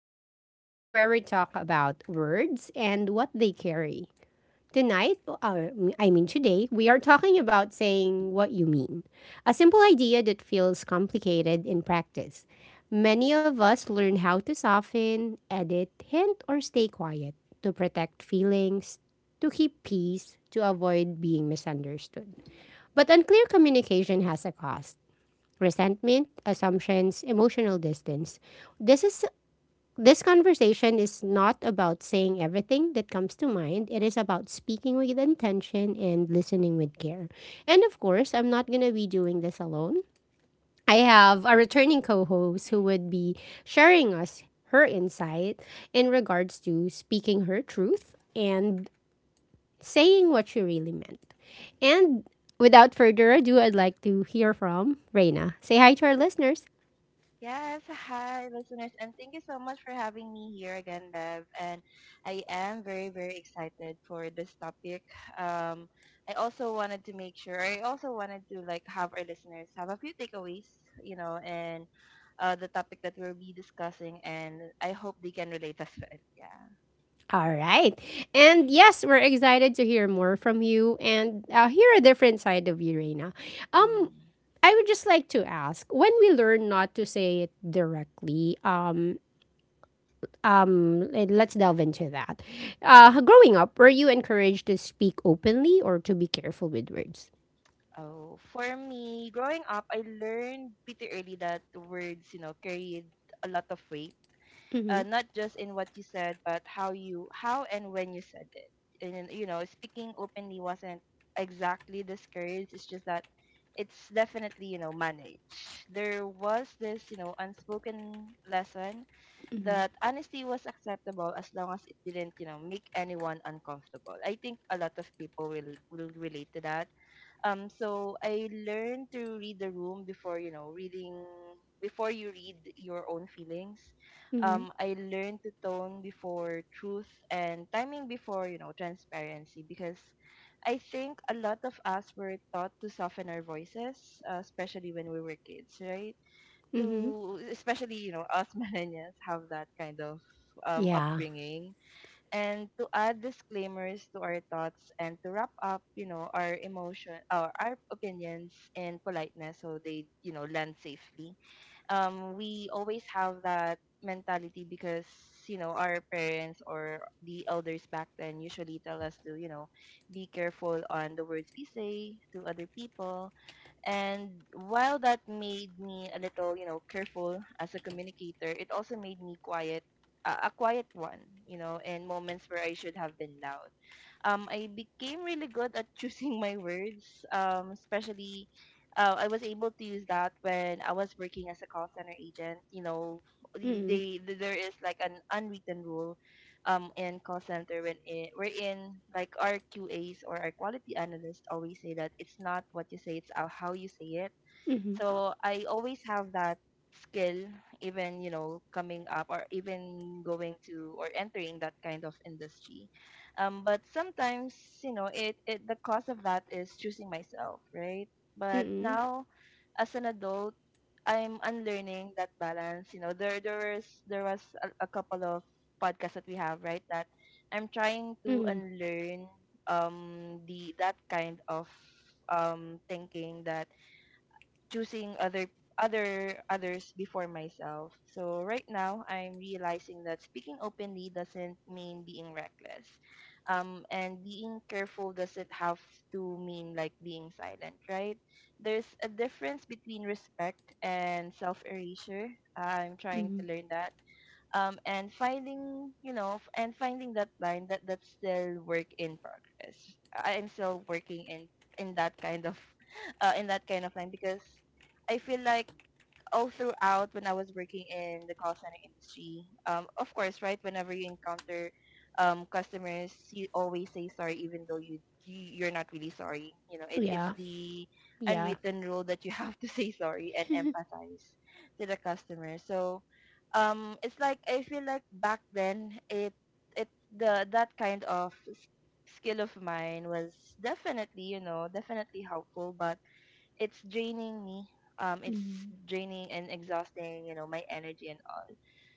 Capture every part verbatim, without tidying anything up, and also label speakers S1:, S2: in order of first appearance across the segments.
S1: Lounge. This is where we talk about words and what they carry. Tonight, uh, I mean today, we are talking about saying what you mean. A simple idea that feels complicated in practice. Many of us learn how to soften, edit, hint, or stay quiet to protect feelings, to keep peace, to avoid being misunderstood. But unclear communication has a cost resentment, assumptions, emotional distance. This is this conversation is not about saying everything that comes to mind. It is about speaking with intention and listening with care. And of course, I'm not going to be doing this alone. I have a returning co-host who would be sharing us her insight in regards to speaking her truth and saying what she really meant. And without further ado, I'd like to hear from Reina. Say hi to our listeners.
S2: Yes, hi listeners, and thank you so much for having me here again, Bev. And I am very, very excited for this topic. Um, I also wanted to make sure, I also wanted to like have our listeners have a few takeaways, you know, and uh, the topic that we'll be discussing, and I hope they can relate as well. Yeah.
S1: All right. And yes, we're excited to hear more from you and uh, hear a different side of you, Reina. Um,
S2: Mm-hmm.
S1: I would just like to ask when we learn not to say it directly, um, um, let- let's delve into that.
S2: Mm-hmm.
S1: Uh, growing up, were you encouraged to speak openly or to be careful with words?
S2: Oh, for me, growing up, I learned pretty early that words, you know, carried a lot of weight,
S1: Mm-hmm.
S2: uh, not just in what you said, but how you, how and when you said it. And you know, speaking openly wasn't exactly discouraged. It's just that it's definitely, you know, managed. There was this, you know, unspoken lesson
S1: Mm-hmm.
S2: that honesty was acceptable as long as it didn't, you know, make anyone uncomfortable. I think a lot of people will will relate to that. Um, so I learned to read the room before, you know, reading before you read your own feelings.
S1: Mm-hmm.
S2: Um, I learned to tone before truth and timing before, you know, transparency, because I think a lot of us were taught to soften our voices, uh, especially when we were kids, right?
S1: Mm-hmm.
S2: To especially, you know, us millennials have that kind of um
S1: Yeah.
S2: upbringing, and to add disclaimers to our thoughts and to wrap up, you know, our emotion or our opinions in politeness so they, you know, land safely. Um, we always have that mentality because, you know, our parents or the elders back then usually tell us to, you know, be careful on the words we say to other people. And while that made me a little, you know, careful as a communicator, it also made me quiet, uh, a a quiet one, you know, in moments where I should have been loud. um, I became really good at choosing my words, um, especially uh, I was able to use that when I was working as a call center agent. You know,
S1: Mm-hmm.
S2: they, they there is like an unwritten rule, um, in call center when it, we're in like our Q As or our quality analysts always say that it's not what you say, it's how how you say it.
S1: Mm-hmm.
S2: So I always have that skill, even you know, coming up or even going to or entering that kind of industry. Um, but sometimes you know, it, it the cost of that is choosing myself, right? But
S1: Mm-hmm.
S2: now, as an adult, I'm unlearning that balance. You know, there there was there was a, a couple of podcasts that we have, right? That I'm trying
S1: Mm-hmm.
S2: to unlearn um the that kind of um thinking that choosing other other others before myself. So right now I'm realizing that speaking openly doesn't mean being reckless. Um and being careful doesn't have to mean like being silent, right? There's a difference between respect and self-erasure. I'm trying
S1: Mm-hmm.
S2: to learn that, um, and finding you know f- and finding that line, that that's still work in progress. I- am still working in in that kind of uh, in that kind of line, because I feel like all throughout when I was working in the call center industry, um, of course, right, whenever you encounter, um, customers, you always say sorry, even though you you- you're not really sorry. You know, it, it's
S1: Yeah.
S2: the
S1: Yeah.
S2: unwritten rule that you have to say sorry and empathize to the customer. So, um, it's like I feel like back then it it the that kind of s- skill of mine was definitely you know definitely helpful, but it's draining me. Um, it's
S1: Mm-hmm.
S2: draining and exhausting, you know, my energy and all.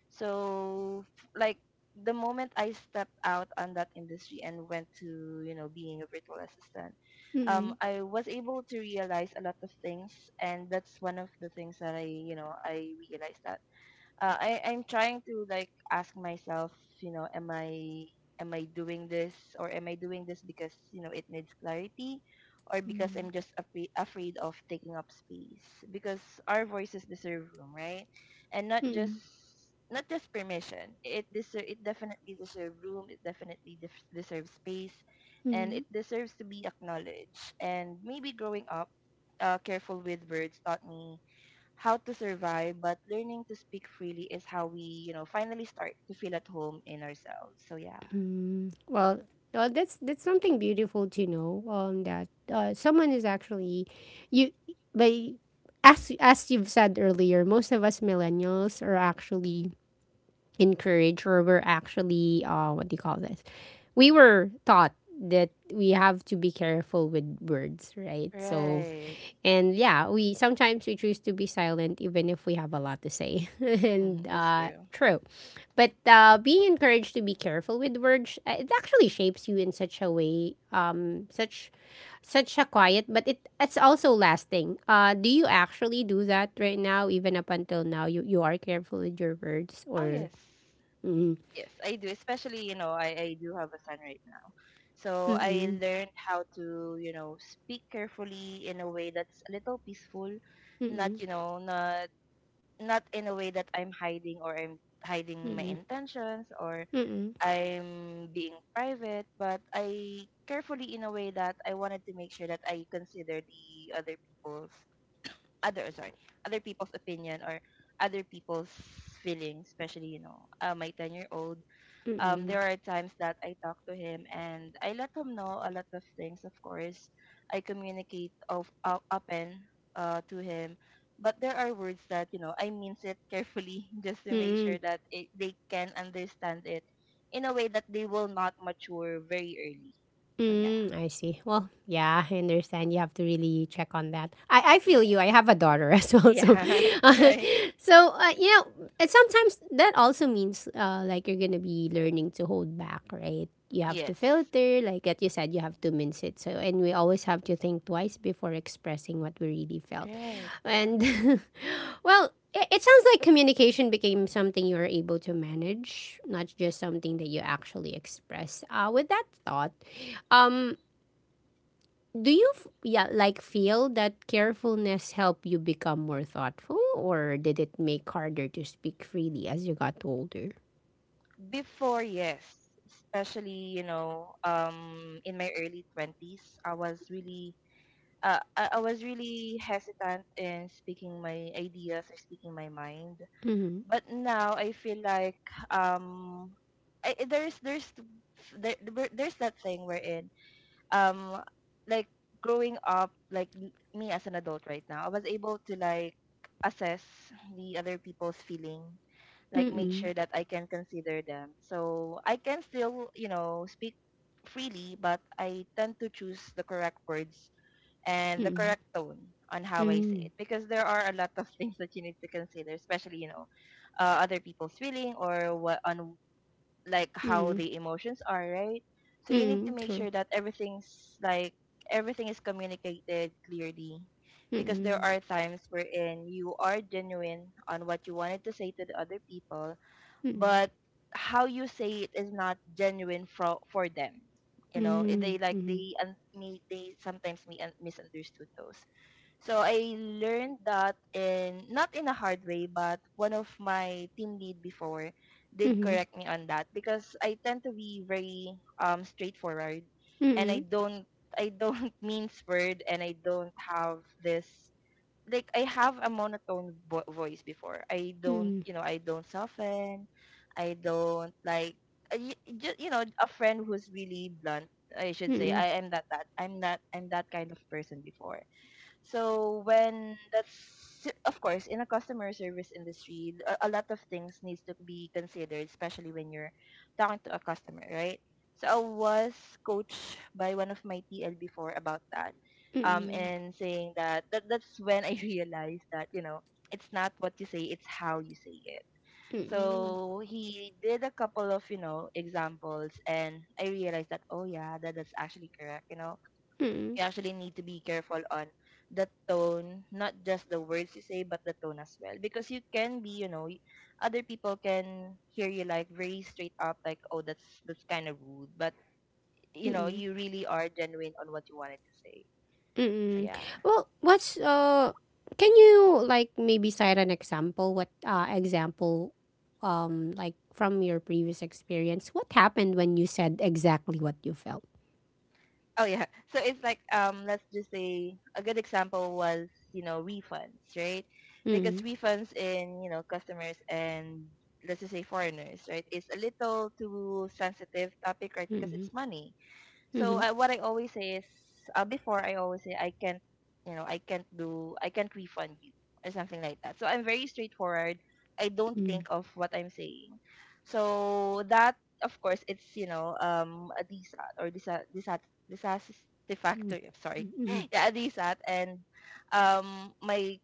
S2: So, like, the moment I stepped out on that industry and went to, you know, being a virtual assistant, um,
S1: Mm-hmm.
S2: I was able to realize a lot of things, and that's one of the things that I, you know, I realized that uh, I I'm trying to like ask myself, you know, am I am I doing this or am I doing this because you know it needs clarity, or because I'm just afraid afraid of taking up space, because our voices deserve room, right? And not just
S1: Mm-hmm.
S2: not just permission. It deserve it definitely deserves room. It definitely def- deserves space, and
S1: Mm-hmm.
S2: it deserves to be acknowledged. And maybe growing up, uh, careful with words taught me how to survive, but learning to speak freely is how we, you know, finally start to feel at home in ourselves. So yeah.
S1: Mm, well, uh, that's that's something beautiful to know um, that uh, someone is actually you. But as as you've said earlier, most of us millennials are actually encouraged, or we're actually uh what do you call this, we were taught that we have to be careful with words, right? So
S2: Right.
S1: and yeah, we sometimes we choose to be silent even if we have a lot to say,
S2: Hmm,
S1: and
S2: that's
S1: uh
S2: true.
S1: true. But uh being encouraged to be careful with words, uh, it actually shapes you in such a way, um such such a quiet but it it's also lasting. uh do you actually do that right now? Even up until now, you you are careful with your words
S2: Oh,
S1: or
S2: yes.
S1: Mm-mm,
S2: Yes, I do. Especially, you know, I, I do have a son right now. So I
S1: mm-mm,
S2: learned how to, you know, speak carefully in a way that's a little peaceful, not,
S1: mm-mm,
S2: you know, not not in a way that I'm hiding or I'm hiding my
S1: mm-mm,
S2: intentions or
S1: mm-mm,
S2: I'm being private, but I carefully in a way that I wanted to make sure that I consider the other people's other uh, sorry other people's opinion or other people's feelings, especially you know uh, my ten year old. Um,
S1: mm-mm,
S2: there are times that I talk to him and I let him know a lot of things, of course. I communicate of, o- open uh, to him. But there are words that, you know, I means it carefully just to make sure
S1: mm-mm,
S2: that it, they can understand it in a way that they will not mature very early. So, yeah.
S1: mm. I see. Well, yeah, I understand. You have to really check on that. I, I feel
S2: Yes.
S1: you. I have a daughter as well, so
S2: Yeah.
S1: uh,
S2: Right.
S1: so uh, you know, and sometimes that also means, uh, like you're gonna be learning to hold back, right? You have to
S2: Yes.
S1: filter, like that you said, you have to mince it. So, and we always have to think twice before expressing what we really felt.
S2: Right. Yeah.
S1: And well, it, it sounds like communication became something you were able to manage, not just something that you actually express. Uh, with that thought, um, do you f- yeah, like, feel that carefulness helped you become more thoughtful, or did it make harder to speak freely as you got older?
S2: Before, yes. Especially, you know, um, in my early twenties, I was really uh, I, I was really hesitant in speaking my ideas or speaking my mind.
S1: Mm-hmm.
S2: But now I feel like, um, I, I- there's there's th- there, there- there's that thing wherein, um, like growing up, like m- me as an adult right now, I was able to like assess the other people's feeling, like make
S1: Mm-mm.
S2: sure that I can consider them. So I can still you know speak freely, but I tend to choose the correct words and the
S1: Mm-mm.
S2: correct tone on how I
S1: Mm-mm.
S2: say it, because there are a lot of things that you need to consider, especially you know uh, other people's feeling or what on like how
S1: Mm-mm.
S2: the emotions are, right? So you need to
S1: Mm-mm.
S2: make
S1: True.
S2: sure that everything's like everything is communicated clearly, because there
S1: Mm-mm.
S2: are times wherein you are genuine on what you wanted to say to the other people,
S1: Mm-mm.
S2: but how you say it is not genuine for for them, you know eh, they like
S1: Mm-mm.
S2: they un- me they sometimes me un- misunderstood those. So I learned that in not in a hard way, but one of my team lead before did
S1: Mm-mm.
S2: correct me on that, because I tend to be very um straightforward, and I
S1: Mm-mm.
S2: don't I don't mince word, and I don't have this like I have a monotone vo- voice before. I don't,
S1: Mm-mm.
S2: you know, I don't soften. I don't like just, you know, a friend who's really blunt. I should say I
S1: Mm-mm.
S2: am that that I'm not I'm that kind of person before. So when that's of course in a customer service industry, a, a lot of things needs to be considered, especially when you're talking to a customer, right? So I was coached by one of my T L before about that, um,
S1: Mm-mm.
S2: and saying that, that that's when I realized that you know it's not what you say, it's how you say it.
S1: Mm-mm.
S2: So he did a couple of you know examples, and I realized that oh yeah, that, that's actually correct, you know
S1: Mm-mm.
S2: you actually need to be careful on the tone, not just the words you say, but the tone as well. Because you can be, you know, y- other people can hear you like very straight up, like, oh, that's that's kind of rude. But you know,
S1: Mm-mm.
S2: you really are genuine on what you wanted to say. So
S1: Mm-mm.
S2: yeah.
S1: Well, what's uh can you like maybe cite an example what uh example, um like, from your previous experience, what happened when you said exactly what you felt?
S2: Oh yeah. So it's like um, let's just say a good example was you know refunds, right? Because
S1: Mm.
S2: refunds in you know customers and let's just say foreigners, right, is a little too sensitive topic, right? Because
S1: Mm-hmm.
S2: it's money. So
S1: Mm-hmm.
S2: I, what I always say is, uh, before I always say I can't, you know, I can't do, I can't refund you or something like that. So I'm very straightforward. I don't
S1: Mm-hmm.
S2: think of what I'm saying. So that, of course, it's you know, um, a DSAT or disa disa
S1: Mm-hmm.
S2: dissatisfactory. I'm sorry, yeah, a DSAT. And um, my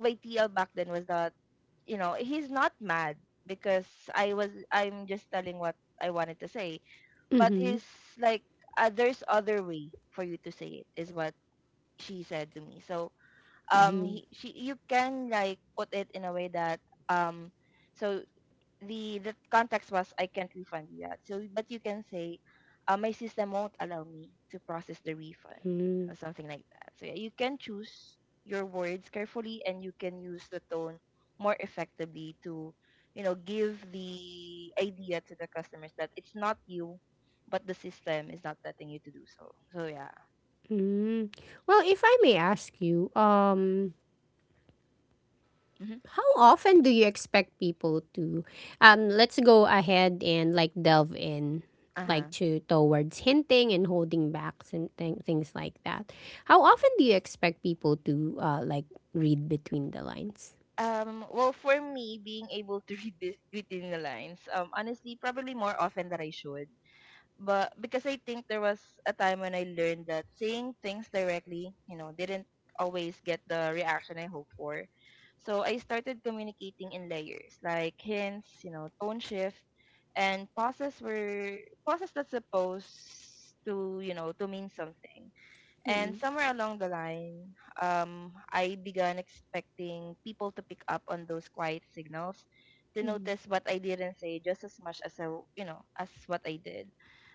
S2: my T L back then was that, you know, he's not mad because I was I'm just telling what I wanted to say, but
S1: Mm-hmm.
S2: it's like uh, there's other way for you to say it is what she said to me. So um he, she you can like put it in a way that um so the the context was I can't refund you yet. So, but you can say, uh, my system won't allow me to process the refund
S1: Mm-hmm.
S2: or something like that. So yeah, you can choose your words carefully and you can use the tone more effectively to, you know, give the idea to the customers that it's not you, but the system is not letting you to do so. So yeah.
S1: Mm-hmm. Well, if I may ask you, um
S2: Hmm.
S1: how often do you expect people to um let's go ahead and like delve in, like,
S2: Uh-huh.
S1: to towards hinting and holding back and th- things like that, how often do you expect people to uh like read between the lines?
S2: Um, well, for me, being able to read this between the lines, um, honestly, probably more often than I should. But because I think there was a time when I learned that saying things directly, you know, didn't always get the reaction I hoped for. So I started communicating in layers, like hints, you know, tone shift, and pauses were pauses that's supposed to, you know, to mean something. And
S1: Mm,
S2: somewhere along the line, um, I began expecting people to pick up on those quiet signals, to
S1: mm,
S2: notice what I didn't say just as much as I, w- you know, as what I did.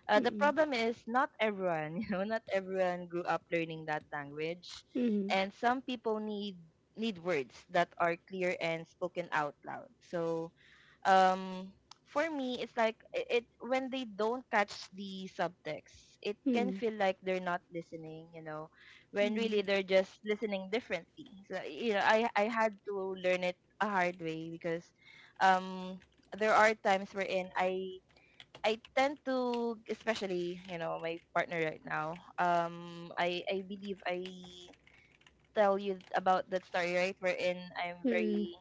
S2: Uh, the
S1: mm,
S2: problem is not everyone, you know, not everyone grew up learning that language,
S1: mm,
S2: and some people need need words that are clear and spoken out loud. So um for me it's like, it, it when they don't catch the subtext it
S1: mm, mm,
S2: can
S1: mm,
S2: feel like they're not listening you know When really they're just listening differently. So you know i i had to learn it a hard way because um there are times wherein i i tend to, especially you know my partner right now. Um i i believe I tell you about that story, right, wherein I'm
S1: mm,
S2: very...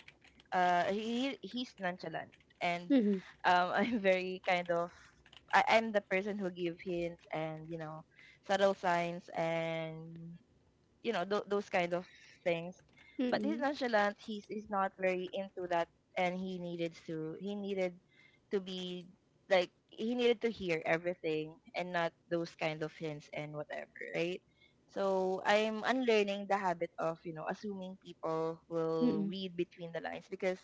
S2: uh he he's nonchalant, and um I'm very kind of... I, i'm the person who give hints and you know subtle signs and you know th- those kind of things,
S1: mm,
S2: but he's
S1: mm,
S2: nonchalant. He's, he's not very into that, and he needed to he needed to be, like, he needed to hear everything and not those kind of hints and whatever, right? So I'm unlearning the habit of you know assuming people will
S1: mm,
S2: read between the lines, because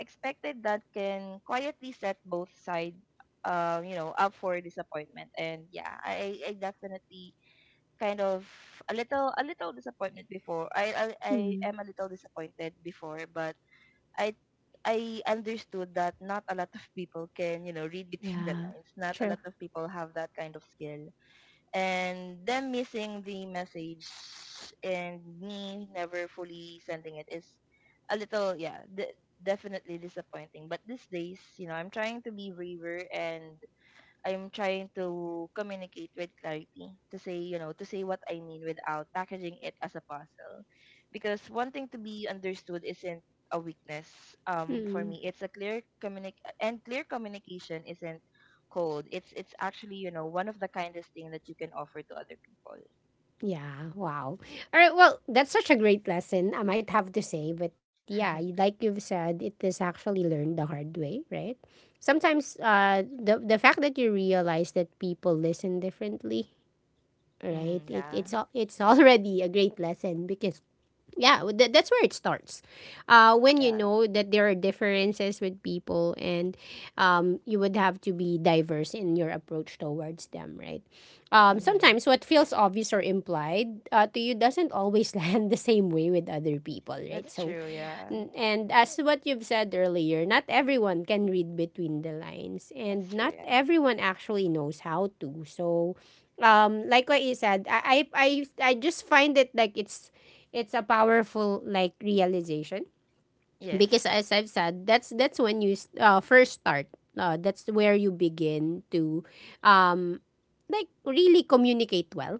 S2: expected that can quietly set both sides um you know up for disappointment. And yeah, i i definitely, kind of... a little a little disappointment before. I I, I
S1: mm.
S2: am a little disappointed before, but I I understood that not a lot of people can, you know, read between the
S1: Yeah,
S2: lines. Not a
S1: true.
S2: lot of people have that kind of skill. And them missing the message and me never fully sending it is a little, yeah, de- definitely disappointing. But these days, you know, I'm trying to be braver, and I'm trying to communicate with clarity to say, you know, to say what I mean without packaging it as a puzzle. Because wanting to be understood isn't a weakness um for me. It's a clear communic and clear communication isn't cold. It's it's actually, you know, one of the kindest thing that you can offer to other people.
S1: Yeah, wow. All right, well, that's such a great lesson, I might have to say. But yeah, y- like you've said, it is actually learned the hard way, right? Sometimes uh, the, the fact that you realize that people listen differently, right?
S2: Mm-hmm,
S1: It,
S2: yeah.
S1: it's, al- it's already a great lesson because yeah w- that, that's where it starts, uh, when you
S2: Yeah.
S1: know that there are differences with people, and um, you would have to be diverse in your approach towards them, right? um,
S2: Mm-hmm.
S1: sometimes what feels obvious or implied, uh, to you doesn't always land the same way with other people, right?
S2: That's
S1: So
S2: true, yeah.
S1: N- and as what you've said earlier, not everyone can read between the lines and
S2: That's true,
S1: not
S2: yeah.
S1: everyone actually knows how to. So um like what you said, I I I, I just find it like it's it's a powerful like realization because
S2: Yes.
S1: as I've said, that's that's when you s- uh, first start. Uh, that's where you begin to um like really communicate well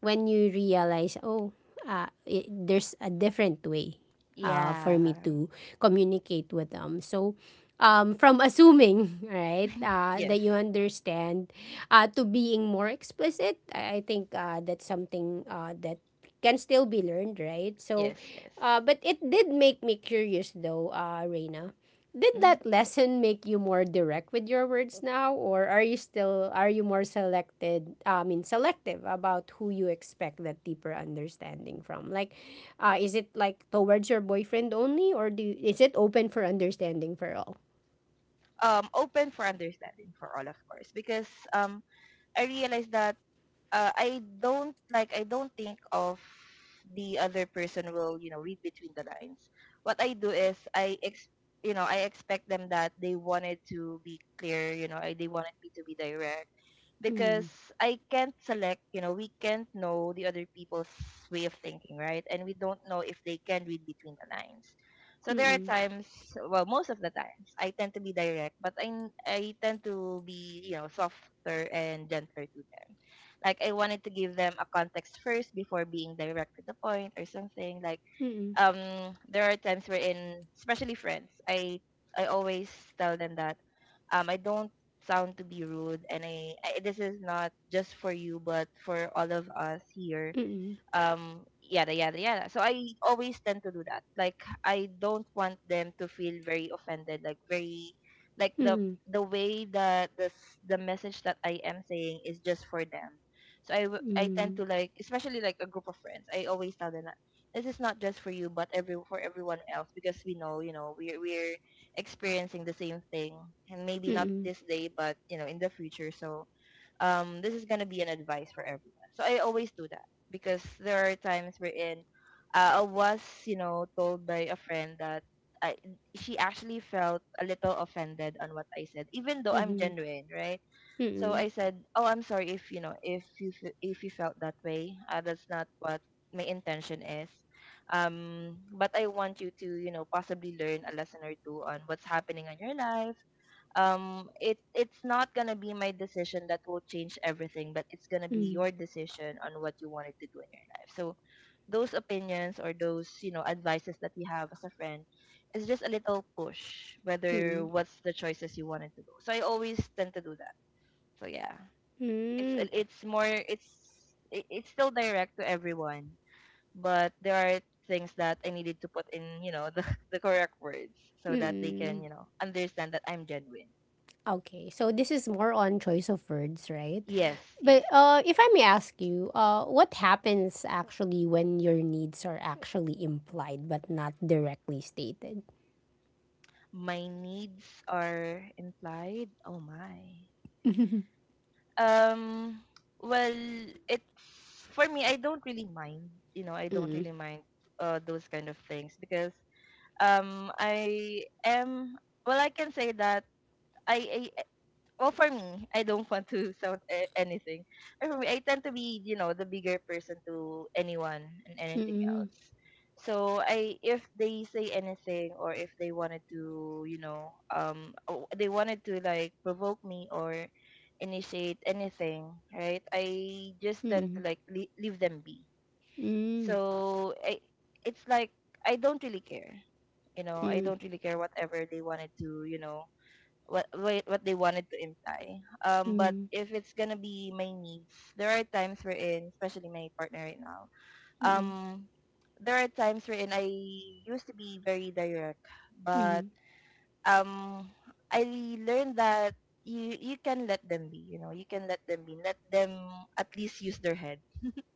S1: when you realize, oh, uh, it, there's a different way, uh, for me
S2: Yeah.
S1: to communicate with them. So, um, from assuming, right, uh,
S2: Yes.
S1: that you understand, uh, to being more explicit, I, I think uh, that's something uh, that can still be learned, right? So,
S2: Yes, yes.
S1: uh, but it did make me curious though, uh, Reina, did
S2: Mm-hmm.
S1: that lesson make you more direct with your words now, or are you still are you more selected? I mean, selective about who you expect that deeper understanding from. Like, uh, is it like towards your boyfriend only, or do is it open for understanding for all?
S2: um, open for understanding for all, of course, because um, I realized that uh, I don't like I don't think of the other person will you know read between the lines. What I do is I ex- you know I expect them that they wanted to be clear. You know, I, they wanted me to be direct, because
S1: Mm,
S2: I can't select. You know we can't know the other people's way of thinking, right? And we don't know if they can read between the lines. So there are
S1: mm,
S2: times, well, most of the times, I tend to be direct, but I I tend to be you know softer and gentler to them, like I wanted to give them a context first before being direct to the point or something. Like
S1: mm,
S2: um there are times wherein, especially friends, I I always tell them that um I don't sound to be rude, and I, I this is not just for you but for all of us here,
S1: mm,
S2: um yada yada yada. So I always tend to do that, like, I don't want them to feel very offended, like, very, like
S1: mm,
S2: the
S1: mm,
S2: the way that the s- the message that I am saying is just for them. So i w- i tend
S1: mm,
S2: to, like, especially like a group of friends, I always tell them that this is not just for you but every for everyone else, because we know, you know we're we're experiencing the same thing, and maybe
S1: mm,
S2: not
S1: mm, mm,
S2: this day but you know in the future. So um this is gonna be an advice for everyone, so I always do that. Because there are times wherein uh, I was, you know, told by a friend that I, she actually felt a little offended on what I said, even though I'm genuine, right? So I
S1: mm,
S2: said, "Oh, I'm sorry, if you know if you fe- if you felt that way. Uh, that's not what my intention is. Um, but I want you to, you know, possibly learn a lesson or two on what's happening in your life. um it it's not gonna be my decision that will change everything, but it's gonna be your decision on what you wanted to do in your life. So those opinions or those you know advices that we have as a friend is just a little push
S1: mm,
S2: whether
S1: mm,
S2: what's the choices you wanted to do. So I always tend to do that. So yeah, it's
S1: mm,
S2: it's more, it's it, it's still direct to everyone, but there are things that I needed to put in you know the, the correct words, so that they can
S1: mm.
S2: you know understand that I'm genuine."
S1: Okay, so this is more on choice of words, right?
S2: Yes,
S1: But
S2: yes.
S1: uh, if I may ask you, uh, what happens actually when your needs are actually implied but not directly stated?
S2: My needs are implied. Oh my.
S1: Mm-mm.
S2: Um, well, it's for me, I don't really mind. You know, I don't really mind uh those kind of things, because um I am, well, I can say that I, I well, for me, I don't want to sound a- anything. But for me I tend to be you know the bigger person to anyone and anything
S1: Mm-mm.
S2: else. So I if they say anything, or if they wanted to you know um o- they wanted to like provoke me or initiate anything, right, I just tend to,
S1: Mm-mm.
S2: like le- leave them be. So I, it's like I don't really care. You know i
S1: Mm-mm.
S2: don't really care whatever they wanted to, you know what what what they wanted to imply. Um, but
S1: Mm-mm.
S2: if it's gonna be my needs, there are times wherein, especially my partner right now, um, there are times wherein I used to be very direct, but
S1: Mm-mm.
S2: um, I learned that you you can let them be. You know, you can let them be. Let them at least use their head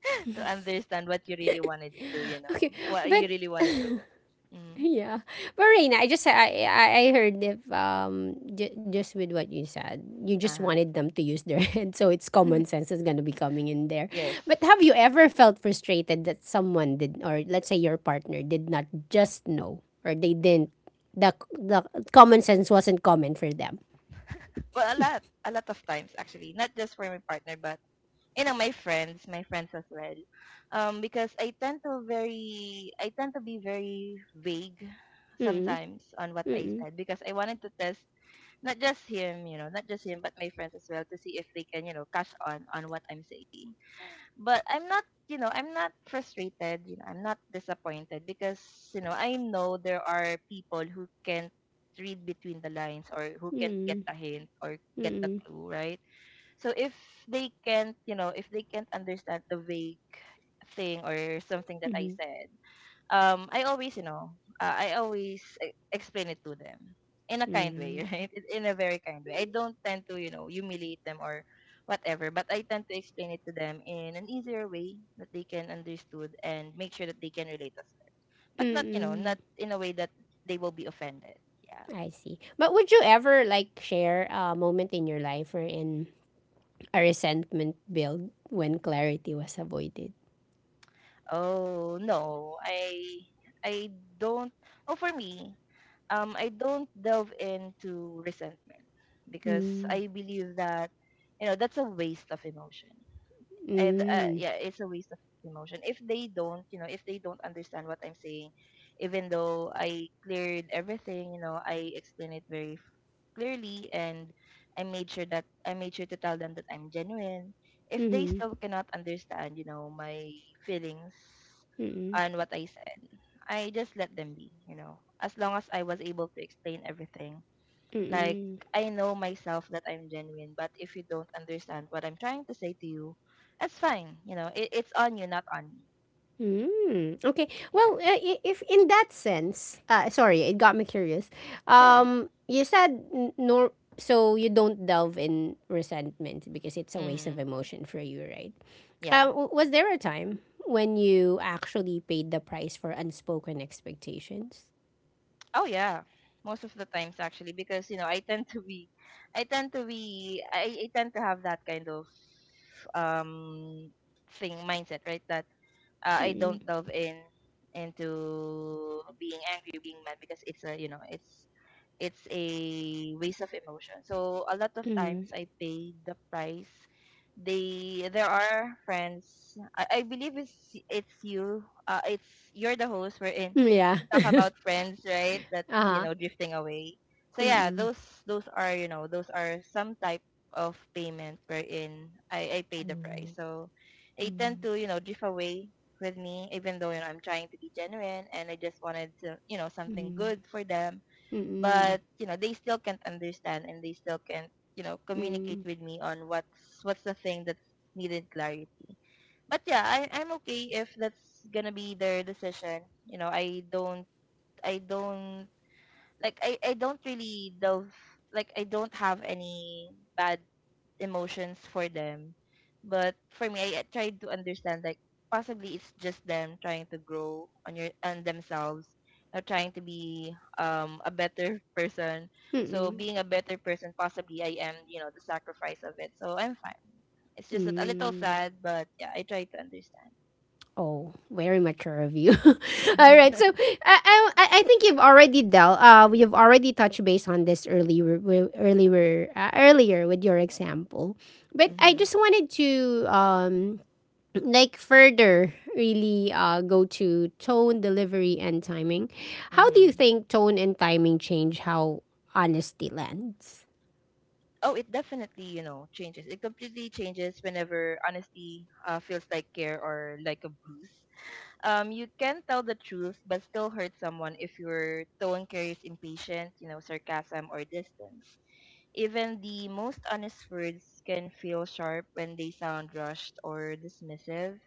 S2: to understand what you really wanted to. You know,
S1: Okay,
S2: what you
S1: but
S2: really wanted to. Mm,
S1: yeah, but Reina, I just I I I heard if um j- just with what you said, you
S2: uh
S1: just
S2: huh.
S1: wanted them to use their head, so it's common sense is gonna be coming in there.
S2: Yes.
S1: But have you ever felt frustrated that someone did, or let's say your partner did not just know, or they didn't, the the common sense wasn't common for them.
S2: Well, a lot, a lot of times actually, not just for my partner, but you know my friends my friends as well. Um because i tend to very i tend to be very vague
S1: Mm,
S2: sometimes on what I
S1: mm,
S2: said, because I wanted to test not just him you know not just him, but my friends as well, to see if they can you know cash on on what I'm saying. But i'm not you know i'm not frustrated, you know I'm not disappointed, because you know I know there are people who can't read between the lines, or who can't get
S1: mm,
S2: a hint or get the
S1: mm,
S2: clue, right? So if they can't, you know, if they can't understand the vague thing or something that I
S1: mm,
S2: said, um, I always, you know, uh, I always e- explain it to them in a kind way,
S1: mm.
S2: right? In in a very kind way. I don't tend to, you know, humiliate them or whatever, but I tend to explain it to them in an easier way that they can understood, and make sure that they can relate as well. But not, you know,
S1: Mm-mm.
S2: not in a way that they will be offended. Yeah.
S1: I see. But would you ever like share a moment in your life or in a resentment build when clarity was avoided?
S2: Oh, no. I I don't. Oh, for me, um, I don't delve into resentment, because
S1: Mm.
S2: I believe that, you know that's a waste of emotion. And uh,
S1: Mm.
S2: yeah, it's a waste of emotion. If they don't, you know, if they don't understand what I'm saying, even though I cleared everything, you know, I explain it very clearly, and I made sure that I made sure to tell them that I'm genuine. If they
S1: Mm-hmm.
S2: still cannot understand, you know, my feelings
S1: Mm-mm.
S2: and what I said, I just let them be, you know. As long as I was able to explain everything. Like,
S1: Mm-mm.
S2: I know myself that I'm genuine, but if you don't understand what I'm trying to say to you, that's fine. You know, it, it's on you, not on me.
S1: Mm. Okay. Well,
S2: Yeah.
S1: uh, i- if in that sense, uh, sorry, it got me curious.
S2: Sure.
S1: Um, you said n- nor so you don't delve in resentment because it's a waste of
S2: Mm-hmm.
S1: emotion for you, right?
S2: Yeah.
S1: Uh, w- was there a time when you actually paid the price for unspoken expectations?
S2: Oh yeah, most of the times actually, because you know I tend to be, I tend to be, I, I tend to have that kind of um thing mindset, right? That uh, I
S1: Mm-mm.
S2: don't delve in into being angry or being mad because it's a you know it's it's a waste of emotion. So a lot of
S1: Mm-mm.
S2: times I pay the price. They there are friends. I, I believe it's it's you. Uh, it's you're the host. We're in.
S1: Yeah.
S2: We talk about friends, right? That's you
S1: uh
S2: know drifting away. So yeah,
S1: huh.
S2: those those are you know those are some type of payment wherein I I pay the price.
S1: Oh,
S2: So
S1: mm,
S2: they tend
S1: mm,
S2: to you know drift away with me, even though you know I'm trying to be genuine and I just wanted to you know something
S1: mm,
S2: good for them,
S1: mm,
S2: but you know they still can't understand and they still can't you know communicate with me on what's what's the thing that's needed clarity. But yeah, I, i'm okay if that's gonna be their decision. You know, i don't i don't like I, I don't really love, like I don't have any bad emotions for them. But for me, I, I tried to understand, like possibly it's just them trying to grow on your on themselves or trying to be um a better person. So
S1: mm,
S2: being a better person, possibly I am, you know, the sacrifice of it. So I'm fine. It's just that a little
S1: mm.
S2: sad, but yeah, I try to understand.
S1: Oh, very mature of you. All right, so I, I, I think you've already dealt. Uh, you've already touched base on this earlier, wi- earlier, uh, earlier with your example, but I
S2: Mhm.
S1: just wanted to um like further really uh go to tone delivery and timing. How do you
S2: Mhm.
S1: think tone and timing change how honesty lands?
S2: Oh, it definitely, you know, changes. It completely changes whenever honesty uh, feels like care or like a bruise. Um, you can tell the truth but still hurt someone if your tone carries impatience, you know, sarcasm or distance. Even the most honest words can feel sharp when they sound rushed or dismissive.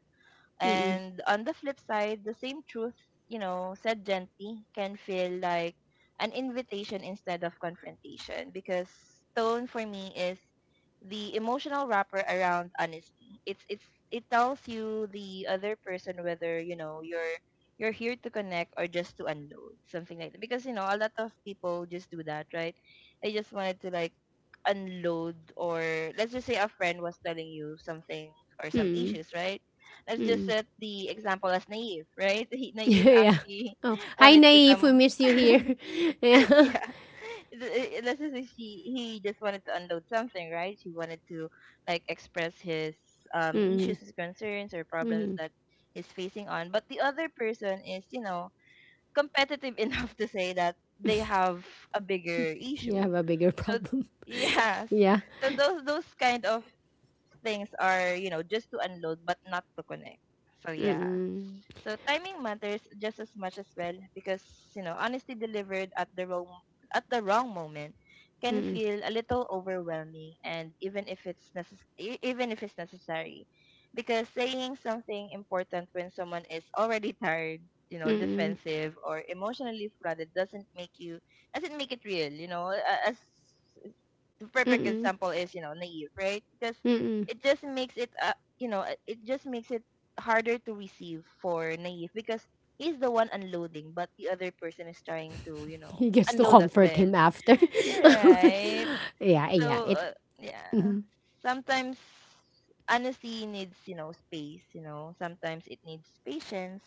S1: Mm,
S2: And on the flip side, the same truth, you know, said gently can feel like an invitation instead of confrontation, because tone for me is the emotional wrapper around honesty. It's it's it tells you the other person whether, you know, you're you're here to connect or just to unload, something like that. Because you know, a lot of people just do that, right? They just wanted to like unload. Or let's just say a friend was telling you something or some
S1: mm,
S2: issues, right? Let's just
S1: mm.
S2: set the example as Naive, right? He, Naive
S1: Yeah.
S2: actually
S1: Oh, hi,
S2: wanted to
S1: Naive. We
S2: some,
S1: miss you here. Yeah.
S2: yeah. Th- Let's just say she he just wanted to unload something, right? He wanted to like express his um
S1: Mm,
S2: issues, his concerns or problems
S1: mm.
S2: that he's facing on. But the other person is, you know, competitive enough to say that they have a bigger
S1: You
S2: issue.
S1: have a bigger
S2: So
S1: problem.
S2: yes.
S1: Yeah.
S2: So those those kind of things are, you know, just to unload but not to connect. So yeah.
S1: Mm,
S2: So timing matters just as much as well, because you know honesty delivered at the wrong at the wrong moment can
S1: mm,
S2: feel a little overwhelming, and even if it's necess- e- even if it's necessary, because saying something important when someone is already tired, you know,
S1: mm,
S2: defensive or emotionally flooded, doesn't make you doesn't make it real. You know, a- as the perfect
S1: mm,
S2: example is, you know, Naive, right? Because
S1: mm.
S2: it just makes it uh, you know, it it just makes it harder to receive for Naive, because he's the one unloading but the other person is trying to you know
S1: He gets to
S2: unload as
S1: comfort
S2: well,
S1: him after.
S2: right?
S1: Yeah, yeah.
S2: so
S1: It.
S2: uh, yeah,
S1: Mm-hmm.
S2: sometimes honesty needs you know space. You know, sometimes it needs patience.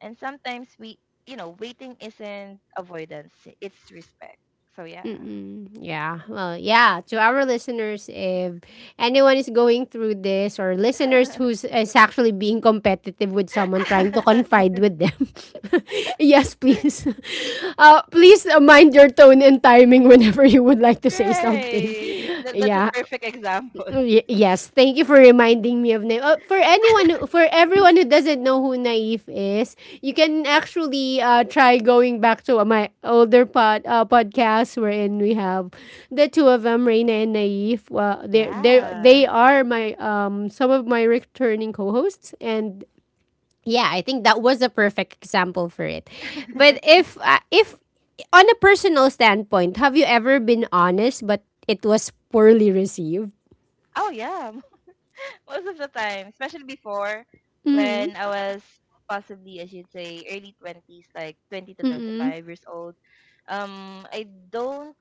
S2: And sometimes we, you know, waiting isn't avoidance, it's respect. So yeah.
S1: Mm-mm. Yeah. Well, yeah. To our listeners, if anyone is going through this, or listeners who's is actually being competitive with someone trying to confide with them, yes, please, uh, please uh, mind your tone and timing whenever you would like to say something.
S2: Right. That that's a
S1: Yeah.
S2: perfect example.
S1: Y- yes, thank you for reminding me of Naive. Uh, for anyone, who- for everyone who doesn't know who Naive is, you can actually uh, try going back to my older pod uh, podcast wherein we have the two of them, Reina and Naive. Well, they they
S2: Yeah.
S1: they are my um some of my returning co-hosts, and yeah, I think that was a perfect example for it. But if uh, if on a personal standpoint, have you ever been honest but it was poorly received?
S2: Oh yeah, m- most of the time, especially before
S1: Mm-hmm.
S2: when I was, possibly I should say, early twenties, like twenty to
S1: Mm-mm.
S2: twenty-five years old. Um I don't,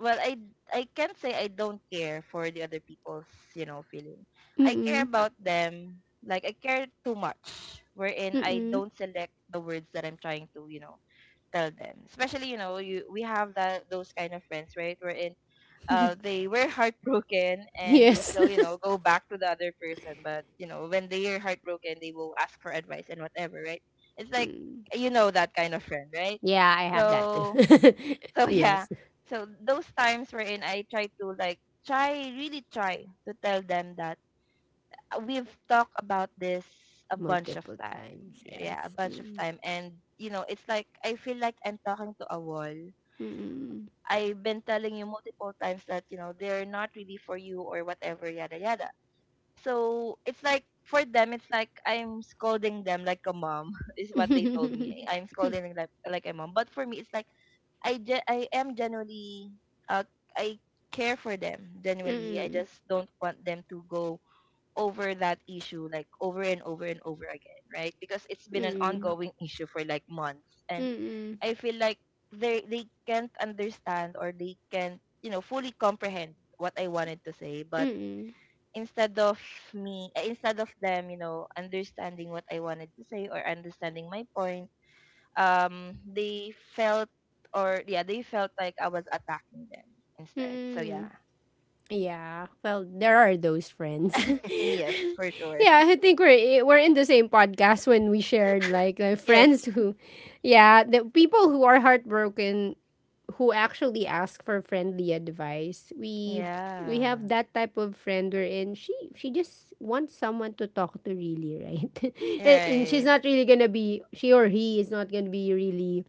S2: well, I I can't say I don't care for the other people's, you know, feeling. I care
S1: Mm-mm.
S2: about them. Like I care too much wherein I
S1: Mm-mm.
S2: don't select the words that I'm trying to, you know, tell them. Especially, you know, you we have that those kind of friends, right? Wherein uh they were heartbroken and they
S1: Yes.
S2: still, you know, go back to the other person. But, you know, when they are heartbroken they will ask for advice and whatever, right? It's like, you know, that kind of friend, right?
S1: Yeah, I have that
S2: So
S1: too.
S2: so yeah.
S1: Yes.
S2: So those times wherein I try to like try really try to tell them that we've talked about this a bunch of
S1: Multiple
S2: time.
S1: times.
S2: Yeah, a
S1: Yes.
S2: bunch of
S1: Mm-mm.
S2: time. And, you know, it's like, I feel like I'm talking to a wall.
S1: Mm-mm.
S2: I've been telling you multiple times that, you know, they're not really for you or whatever, yada, yada. So it's like, for them, it's like I'm scolding them like a mom, is what they told me. I'm scolding them like, like a mom. But for me, it's like, I, ge- I am genuinely, uh, I care for them, genuinely. I
S1: Mm-mm.
S2: just don't want them to go over that issue like over and over and over again, right? Because it's been an
S1: Mm-mm.
S2: ongoing issue for like months, and
S1: Mm-mm.
S2: I feel like they they can't understand or they can't, you know, fully comprehend what I wanted to say. But
S1: Mm-mm.
S2: instead of me uh, instead of them, you know, understanding what I wanted to say or understanding my point, um they felt, or yeah, they felt like I was attacking them instead. So
S1: Mm-mm.
S2: yeah.
S1: Yeah. Well, there are those friends.
S2: Yes, for sure.
S1: yeah, I think we're eh, we're in the same podcast when we shared, like, like
S2: Yes.
S1: friends who yeah, the people who are heartbroken who actually ask for friendly advice. We we
S2: Yeah.
S1: have that type of friend wherein she she just wants someone to talk to really, right? and, and she's
S2: Right.
S1: not really gonna be, she or he is not gonna be really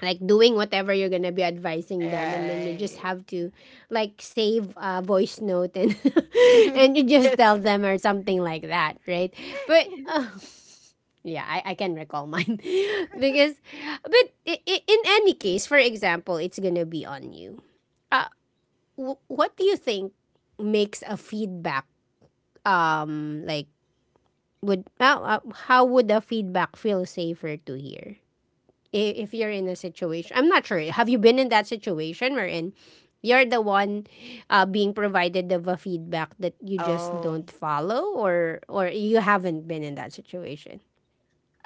S1: like doing whatever you're gonna be advising them, and then you just
S2: Right.
S1: have to like save a voice note and and you just
S2: Yes.
S1: tell them or something like that, right? But
S2: Yes.
S1: uh, yeah, I, I can recall mine. because, but i- i- in any case, for example, it's gonna be on you. Uh, w- what do you think makes a feedback, um, like, would, uh, uh, how would a feedback feel safer to hear? I- If you're in a situation, I'm not sure. Have you been in that situation wherein you're the one uh, being provided of a feedback that you just
S2: Oh.
S1: don't follow, or or you haven't been in that situation?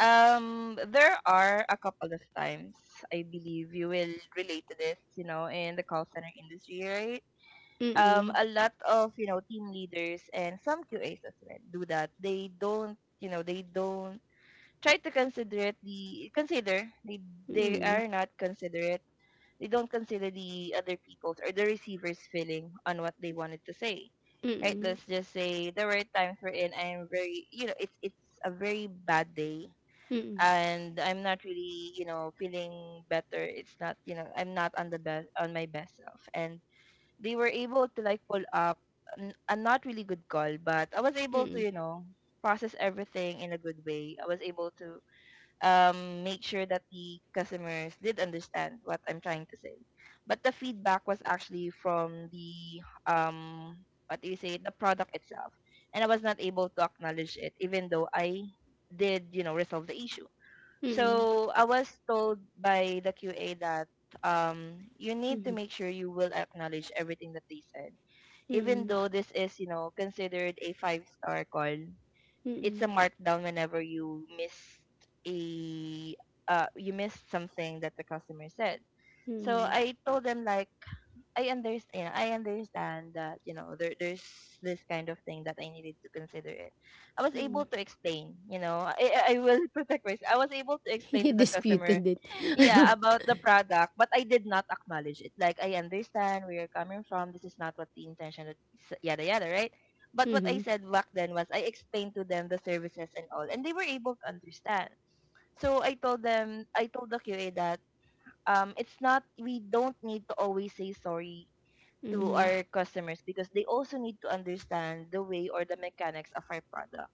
S2: Um, there are a couple of times, I believe you will relate to this, you know, in the call center industry, right? Um,
S1: Mm-mm.
S2: a lot of, you know, team leaders and some QAs as as well do that. They don't, you know, they don't try to consider it the consider they they
S1: Mm-mm.
S2: are not considerate, they don't consider the other people's or the receiver's feeling on what they wanted to say. Right?
S1: Mm-mm.
S2: Let's just say there were times wherein I'm very, you know, it's it's a very bad day
S1: Mm.
S2: and I'm not really, you know, feeling better. It's not, you know, I'm not on the best on my best self. And they were able to like pull up n- a not really good call, but I was able to,
S1: Mm.
S2: you know, process everything in a good way. I was able to um, make sure that the customers did understand what I'm trying to say. But the feedback was actually from the um, what do you say, the product itself, and I was not able to acknowledge it, even though I did, you know, resolve the issue.
S1: Mm.
S2: So I was told by the Q A that um, you need to
S1: Mm.
S2: make sure you will acknowledge everything that they said, even
S1: Mm.
S2: though this is you know considered a five star call. It's
S1: Mm.
S2: a markdown whenever you missed a uh, you missed something that the customer said. So
S1: Mm.
S2: I told them like, I understand. I understand that, you know, there there's this kind of thing that I needed to consider it. I was able
S1: Mm.
S2: to explain. You know, I I I will protect myself. I was able to explain to
S1: You
S2: the customer,
S1: disputed it.
S2: yeah, about the product, but I did not acknowledge it. Like I understand where you're coming from. This is not what the intention. That, yada yada, right? But what I
S1: Mhm.
S2: said back then was I explained to them the services and all, and they were able to understand. So I told them, I told the Q A that um, it's not, we don't need to always say sorry to
S1: Mhm.
S2: our customers because they also need to understand the way or the mechanics of our product.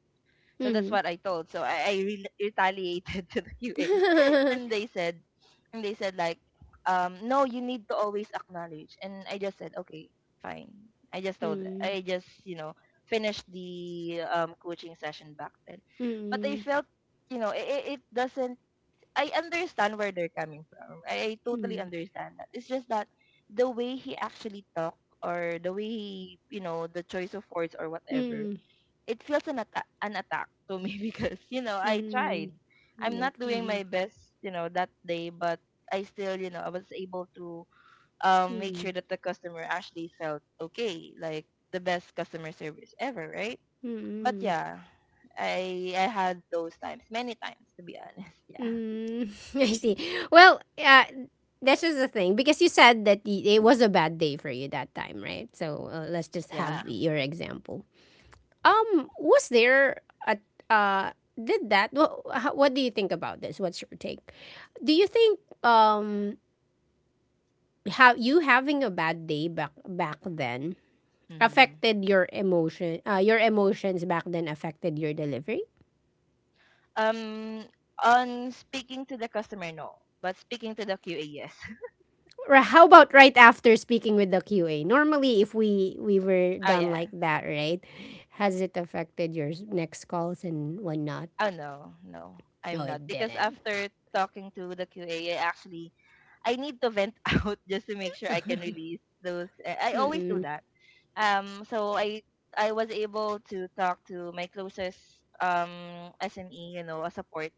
S2: So that's
S1: Mhm.
S2: what I told. So I, I re- retaliated to the Q A, and they said, and they said like, um, no, you need to always acknowledge. And I just said, okay, fine. I just told,
S1: Mm.
S2: I just you know finished the um, coaching session back then, but I
S1: Mm.
S2: felt you know it, it it doesn't, I understand where they're coming from. I, I totally
S1: Mm.
S2: understand that. It's just that the way he actually talked or the way he, you know, the choice of words or whatever,
S1: Mm.
S2: it feels an, atta- an attack to me because, you know, I
S1: Mm.
S2: tried. I'm
S1: Yes.
S2: not doing
S1: Mhm.
S2: my best, you know, that day, but I still, you know, I was able to um, make
S1: Mm.
S2: sure that the customer actually felt okay, like the best customer service ever, right? But
S1: Mm.
S2: yeah, I I had those times, many times to be honest. Yeah.
S1: Mm. I see. Well, uh, that's just the thing because you said that the, it was a bad day for you that time, right? So uh, let's just have
S2: Yeah.
S1: your example. Um, was there a uh did that? What what do you think about this? What's your take? Do you think um how you having a bad day back back then
S2: Mhm.
S1: affected your emotion uh, your emotions back then affected your delivery?
S2: Um, on speaking to the customer, no. But speaking to the Q A, yes.
S1: Or how about right after speaking with the Q A? Normally if we we were
S2: Oh
S1: done
S2: yeah.
S1: like that, right? Has it affected your next calls and whatnot?
S2: Oh no, no,
S1: No,
S2: I'm not.
S1: it
S2: Because
S1: didn't.
S2: after talking to the Q A, actually I need to vent out just to make sure I can release those. I I always do that. Um, so I I was able to talk to my closest um S M E, you know, a support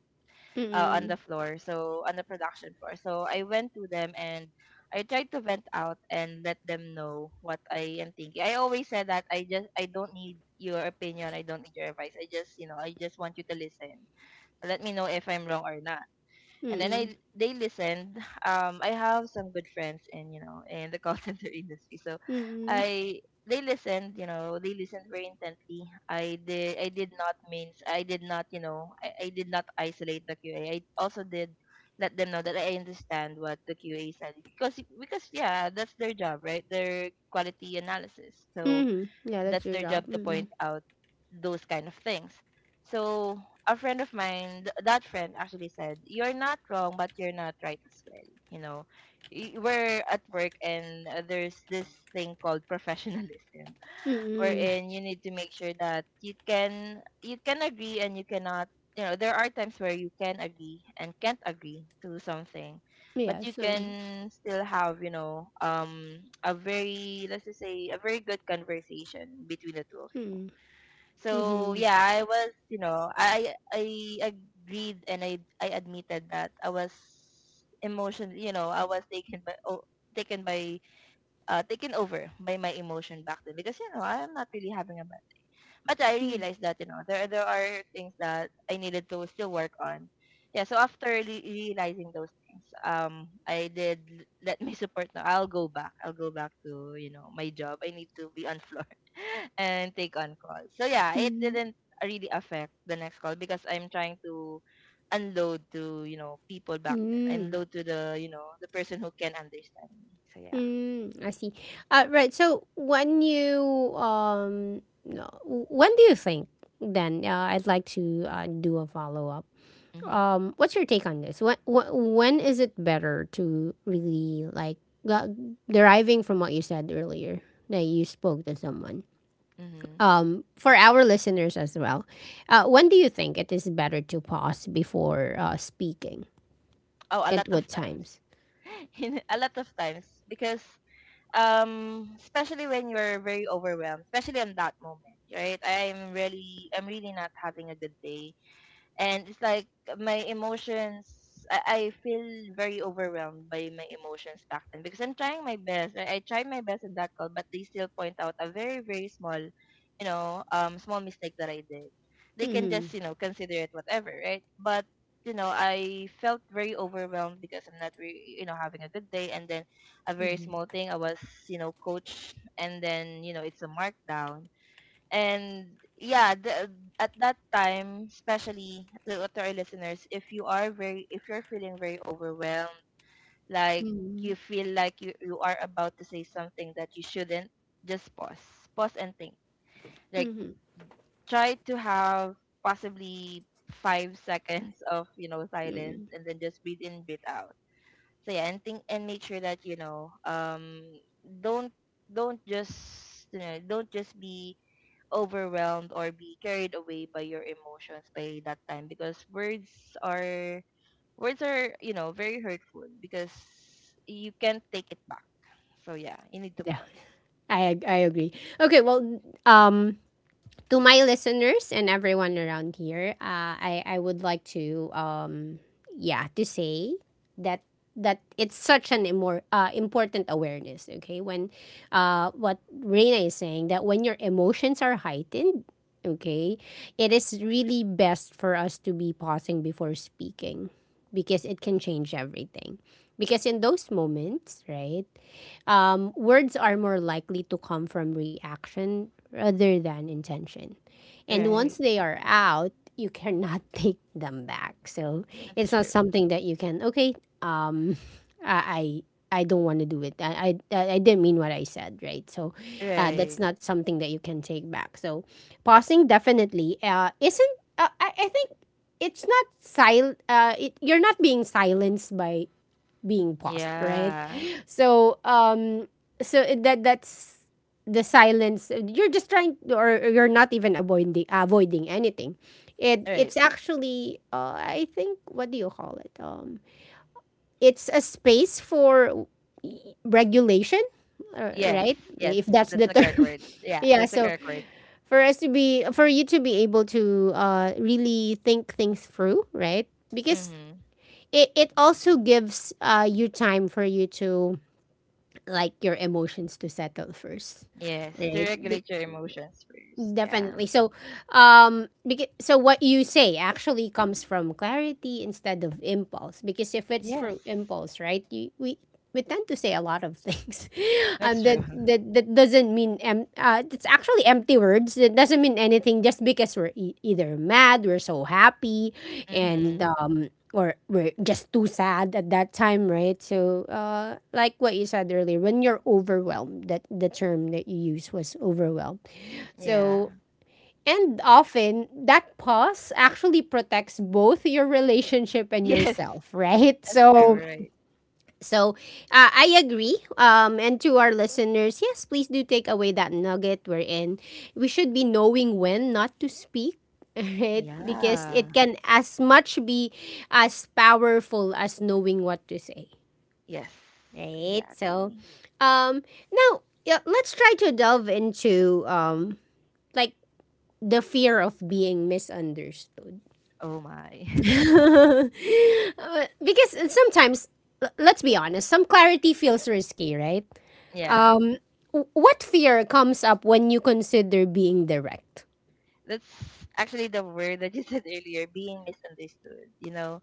S2: uh, on
S1: Mm-mm.
S2: the floor, so on the production floor. So I went to them and I tried to vent out and let them know what I am thinking. I always said that I just I don't need your opinion, I don't need your advice. I just you know I just want you to listen. Let me know if I'm wrong or not, and then
S1: Mm-mm.
S2: I they listened. Um, I have some good friends in, you know, in the call center industry, so
S1: Mm-mm.
S2: I they listened. You know, they listened very intently. I did I did not means I did not, you know, I, I did not isolate the Q A. I also did let them know that I understand what the Q A said because because yeah, that's their job, right? Their quality analysis. So
S1: Mhm. Yeah, that's
S2: that's
S1: your
S2: their
S1: job.
S2: job to
S1: Mm.
S2: point out those kind of things. So a friend of mine, th- that friend actually said, "You're not wrong, but you're not right as well." You know, Y- we're at work, and uh, there's this thing called professionalism,
S1: Mm.
S2: wherein you need to make sure that you can you can agree and you cannot, you know, there are times where you can agree and can't agree to something, but you
S1: Yes. Um,
S2: can still have, you know, um a very, let's just say, a very good conversation between the two of you.
S1: mm.
S2: So
S1: Mhm.
S2: yeah, I was, you know, i i agreed, and i i admitted that I was emotionally, you know, I was taken by oh, taken by uh, taken over by my emotion back then, because you know I'm not really having a, but I
S1: Mm.
S2: realized that, you know, there there are things that I needed to still work on. Yeah, so after re- realizing those things, um, I did l- let my support know. I'll go back. I'll go back to, you know, my job. I need to be on floor and take on calls. So yeah, it
S1: Mm.
S2: didn't really affect the next call, because I'm trying to unload to, you know, people back then.
S1: Mm.
S2: Unload to the, you know, the person who can understand me. So yeah.
S1: Mm. I see. Uh, right. So when you um, no, w- when do you think then? Uh, I'd like to uh, do a follow up. Um, what's your take on this? When wh- when is it better to really like uh, deriving from what you said earlier that you spoke to someone?
S2: Mhm.
S1: Um, for our listeners as well, uh, when do you think it is better to pause before uh, speaking?
S2: Oh, a
S1: At
S2: lot of
S1: what
S2: times.
S1: times?
S2: In- a lot of times, because um especially when you're very overwhelmed, especially on that moment, right? I'm really I'm really not having a good day, and it's like my emotions, I, I feel very overwhelmed by my emotions back then because I'm trying my best, right? I tried my best in that call, but they still point out a very very small, you know, um small mistake that I did. They can
S1: Mm-hmm.
S2: just, you know, consider it whatever, right? But you know, I felt very overwhelmed because I'm not really, you know, having a good day, and then a very small
S1: Mm-hmm.
S2: thing I was, you know, coached, and then, you know, it's a markdown. And yeah, the, at that time, especially to, to our listeners, if you are very, if you're feeling very overwhelmed, like you feel like you, you are about to say something that you shouldn't, just pause, pause and think. Like
S1: Mm-hmm.
S2: try to have possibly five seconds of, you know,
S1: Mm-hmm.
S2: silence, and then just breathe in, breathe out. So yeah, and think and make sure that, you know, um, don't, don't just you know, don't just be overwhelmed or be carried away by your emotions by that time, because words are words are, you know, very hurtful because you can't take it back. So yeah, you need to
S1: Yeah,
S2: pause.
S1: I ag- I agree. Okay, well, um, to my listeners and everyone around here, uh, I I would like to um yeah to say that that it's such an imor- uh, important awareness. Okay, when uh what Reina is saying that when your emotions are heightened, okay, it is really best for us to be pausing before speaking because it can change everything. Because in those moments, right, um, words are more likely to come from reaction rather than intention. And once
S2: Right,
S1: they are out, you cannot take them back. So
S2: that's
S1: it's not
S2: true.
S1: something that you can, okay, um, I, I I don't want to do it. I, I, I didn't mean what I said, right? So uh, that's
S2: Right.
S1: not something that you can take back. So pausing definitely uh, isn't, uh, I, I think it's not sil- uh, it, you're not being silenced by being paused, right?
S2: Yeah.
S1: So um so it- that that's the silence you're just trying or you're not even avoiding avoiding anything. It
S2: Right.
S1: it's actually uh, I think what do you call it? Um it's a space for regulation, uh,
S2: Yes,
S1: right?
S2: yes,
S1: If that's
S2: that's
S1: the
S2: the correct
S1: term.
S2: word. Yeah,
S1: Yeah,
S2: that's the
S1: so
S2: correct word.
S1: for us to be for you to be able to uh really think things through, right? Because
S2: Mm-hmm.
S1: it, it also gives uh you time for you to like your emotions to settle first,
S2: Yes, to
S1: right? Be-
S2: regulate your emotions first,
S1: Definitely.
S2: yeah.
S1: So, um, because, so what you say actually comes from clarity instead of impulse. Because if it's for
S2: Yes,
S1: impulse, right, you, we we tend to say a lot of things,
S2: that's
S1: um,
S2: true.
S1: that that that doesn't mean em- uh, it's actually empty words. It doesn't mean anything just because we're e- either mad, we're so happy, and
S2: Mm-hmm.
S1: um, or we're just too sad at that time, right? So, uh, like what you said earlier, when you're overwhelmed, that the term that you use was overwhelmed
S2: Yeah.
S1: so, and often that pause actually protects both your relationship and
S2: Yes,
S1: yourself, right?
S2: that's true,
S1: So,
S2: right.
S1: so uh, I agree. Um, and to our listeners, yes, please do take away that nugget we're in. We should be knowing when not to speak. Right, because
S2: Yeah.
S1: it can as much be as powerful as knowing what to say.
S2: Yes,
S1: Right, so
S2: exactly.
S1: um, now yeah, let's try to delve into um, like the fear of being misunderstood.
S2: Oh my.
S1: Uh, because sometimes, l- let's be honest, some clarity feels risky, right?
S2: Yeah.
S1: W- What fear comes up when you consider being direct?
S2: That's actually the word that you said earlier, being misunderstood. You know,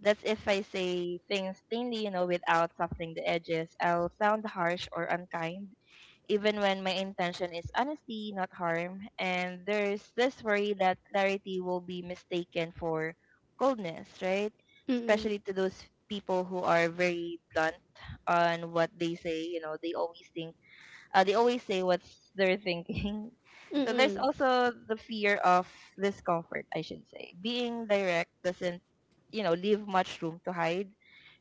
S2: that's if I say things plainly, you know, without softening the edges, I'll sound harsh or unkind, even when my intention is honesty, not harm. And there's this worry that clarity will be mistaken for coldness, right? Especially to those people who are very blunt on what they say. You know, they always think, Uh, they always say what's they're thinking. So there's also the fear of discomfort, I should say. Being direct doesn't, you know, leave much room to hide.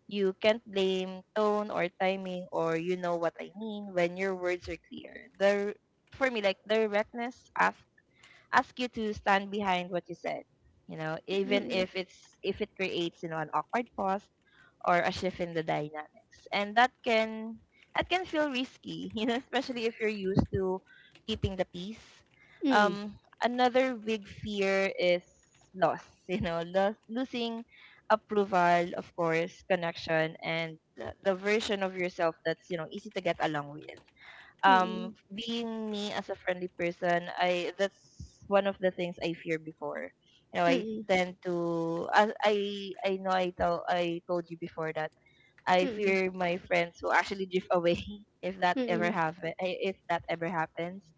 S2: You can't blame tone or timing or you know what I mean when your words are clear. The, for me, like, directness ask ask you to stand behind what you said. You know, even
S1: Mm-mm,
S2: if it's, if it creates, you know, an awkward pause or a shift in the dynamics. And that can that can feel risky, you know, especially if you're used to keeping the peace.
S1: mm-mm,
S2: Um, another big fear is loss, you know, lo- losing approval, of course, connection, and the the version of yourself that's, you know, easy to get along with. Um
S1: mm-mm,
S2: being me as a friendly person, I that's one of the things I fear before. You know, i
S1: mm-mm,
S2: tend to i i, I know, i tell I told you before that I
S1: mm-mm,
S2: fear my friends who actually drift away. if that ever
S1: mm-mm,
S2: happen I- If that ever happens,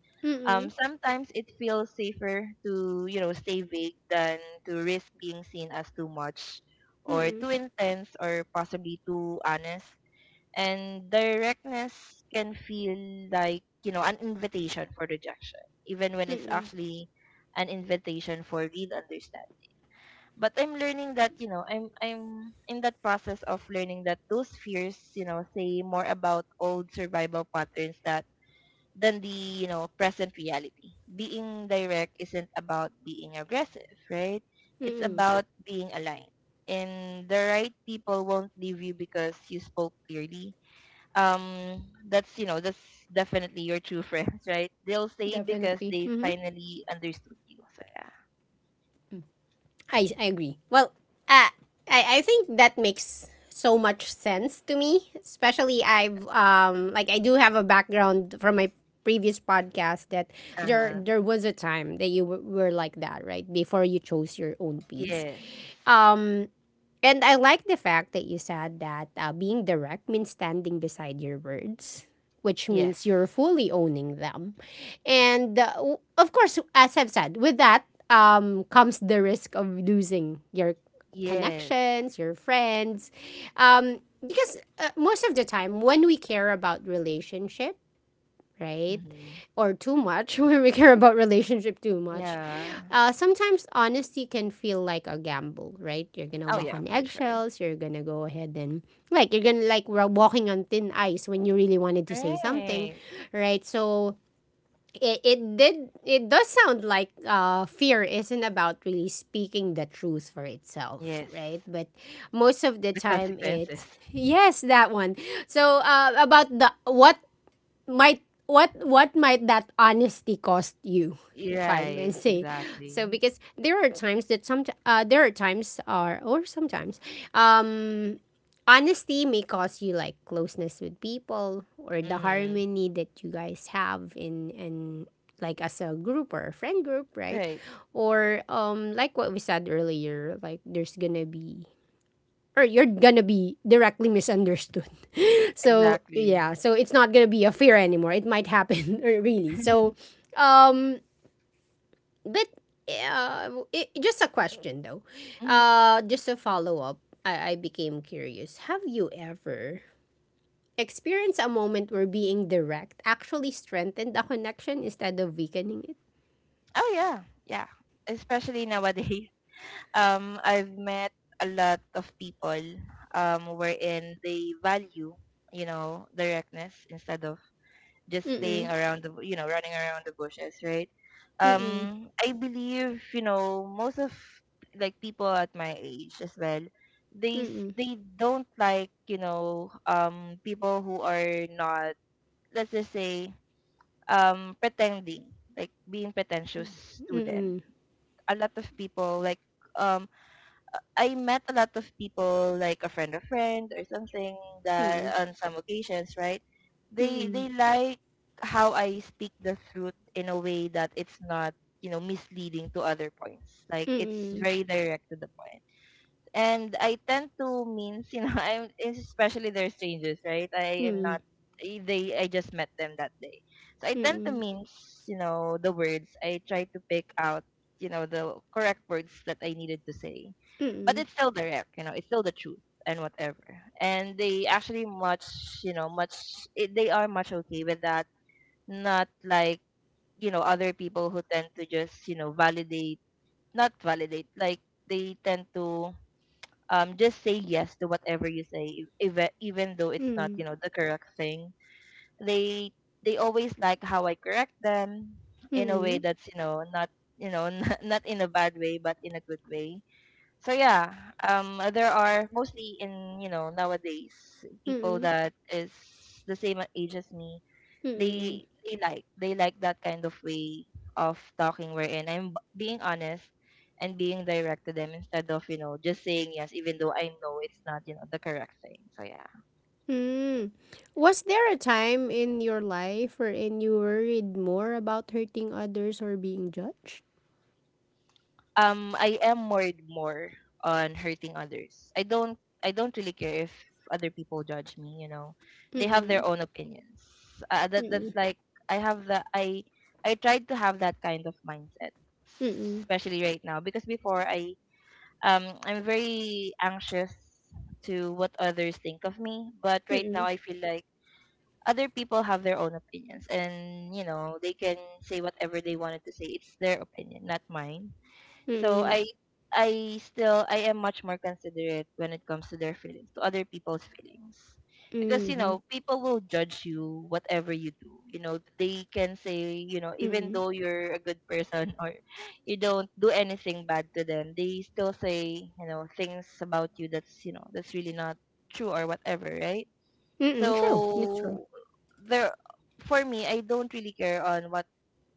S2: um
S1: mm-mm,
S2: sometimes it feels safer to, you know, stay vague than to risk being seen as too much or
S1: mm-mm.
S2: too intense, or possibly too honest. And directness can feel like, you know, an invitation for rejection, even when it's actually an invitation for real understanding. But I'm learning that, you know, I'm I'm in that process of learning that those fears, you know, say more about old survival patterns that than the, you know, present reality. Being direct isn't about being aggressive, right? It's about being aligned, and the right people won't leave you because you spoke clearly. um that's, you know, that's definitely your true friends, right? They'll stay because
S1: Definitely.
S2: they finally understood you. So yeah.
S1: I, I agree. Well, uh, I, I think that makes so much sense to me. Especially I've um like I do have a background from my previous podcast that there
S2: Uh-huh.
S1: there was a time that you were, were like that, right? Before you chose your own piece.
S2: Yes.
S1: Um and I like the fact that you said that uh, being direct means standing beside your words, which
S2: Yes.
S1: means you're fully owning them. And uh, w- of course, as I've said, with that um, comes the risk of losing your
S2: Yes.
S1: connections, your friends. Um, because uh, most of the time, when we care about relationship, right?
S2: Mm-hmm.
S1: Or too much when we care about relationship too much.
S2: Yeah.
S1: Uh, sometimes honesty can feel like a gamble, right? You're gonna
S2: Oh
S1: walk
S2: yeah,
S1: on
S2: for sure.
S1: eggshells. You're gonna go ahead and like you're gonna like we're walking on thin ice when you really wanted to say something,
S2: Right.
S1: right? So it, it did it does sound like uh, fear isn't about really speaking the truth for itself,
S2: Yes,
S1: right? But most of the
S2: the
S1: time
S2: consequences.
S1: it yes that one so uh, about the what might what what might that honesty cost you if I may
S2: Right,
S1: say so
S2: exactly.
S1: because there are times that some uh, there are times or or sometimes um honesty may cost you like closeness with people or the
S2: Mm-hmm.
S1: harmony that you guys have in and like as a group or a friend group right
S2: Right,
S1: or um like what we said earlier like there's gonna be or you're gonna be directly misunderstood. So
S2: exactly.
S1: yeah, so it's not gonna be a fear anymore. It might happen or really. So um but uh, it, just a question though.
S2: Mm-hmm.
S1: Uh just a follow up. I, I became curious. Have you ever experienced a moment where being direct actually strengthened a connection instead of weakening it?
S2: Oh yeah. Yeah, especially nowadays. Um, I've met a lot of people um, wherein they value, you know, directness instead of just staying
S1: Mm-mm.
S2: around the, you know, running around the bushes, right?
S1: Mm-mm.
S2: Um, I believe, you know, most of, like, people at my age as well, they s-
S1: Mm-mm.
S2: they don't like, you know, um, people who are not, let's just say, um, pretending, like being pretentious to them. A lot of people like um I met a lot of people, like a friend of friend or something,
S1: Mm-mm.
S2: that
S1: Mm-mm.
S2: on some occasions, right? They they like how I speak the truth in a way that it's not, you know, misleading to other points. Like it's
S1: Mm-mm.
S2: very direct to the point. And I tend to means, you know, I'm, especially they're strangers, right? I am not,
S1: Mm-mm.
S2: I- they, I just met them that day. So I
S1: Mm-mm.
S2: tend to
S1: Mm-mm.
S2: means, you know, the words. I try to pick out, you know, the correct words that I needed to say. But it's still direct, you know, it's still the truth and whatever. And they actually much, you know, much, it, they are much okay with that. Not like, you know, other people who tend to just, you know, validate, not validate, like they tend to, um, just say yes to whatever you say, e-, even even though it's not, you
S1: Mm-mm.
S2: know, the correct thing. They they always like how I correct them in a way that's, you know, not, you know, not, not in a bad way but in a good way. So yeah, um, there are, mostly in, you know, nowadays, people
S1: Mm-mm.
S2: that is the same age as me,
S1: Mm-mm.
S2: they they like they like that kind of way of talking, wherein I'm b- being honest and being direct to them, instead of, you know, just saying yes even though I know it's not, you know, the correct thing. So yeah,
S1: Mm. Was there a time in your life wherein you worried more about hurting others or being judged?
S2: um, I am worried more on hurting others. I don't I don't really care if other people judge me. You know, they have their
S1: Mm-mm.
S2: own opinions. Uh, that that's
S1: Mm-mm.
S2: like I have that, I I tried to have that kind of mindset,
S1: Mm-mm.
S2: especially right now, because before I um, I'm very anxious to what others think of me. But right now,
S1: Mm-mm.
S2: I feel like other people have their own opinions, and you know they can say whatever they wanted to say. It's their opinion, not mine. So I
S1: Mm-mm.
S2: I still, I am much more considerate when it comes to their feelings, to other people's feelings. Because, you
S1: Mm-mm.
S2: know, people will judge you whatever you do. You know, they can say, you know, even
S1: Mm-mm.
S2: though you're a good person or you don't do anything bad to them, they still say, you know, things about you that's, you know, that's really not true or whatever, right?
S1: Mm-mm. True. It's true.
S2: So there, for me, I don't really care on what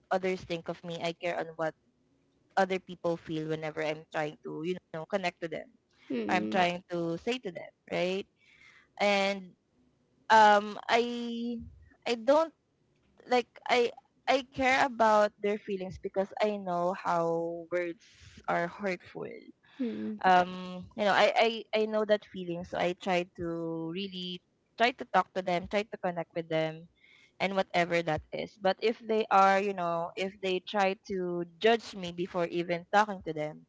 S2: others think of me. I care on what other people feel whenever I'm trying to, you know, connect to them. I'm
S1: Mm-mm.
S2: trying to say to them, right? And um I I don't like I I care about their feelings because I know how words are hurtful.
S1: Mm-mm.
S2: Um, you know, I, I, I know that feeling, so I try to really try to talk to them, try to connect with them and whatever that is. But if they are, you know, if they try to judge me before even talking to them,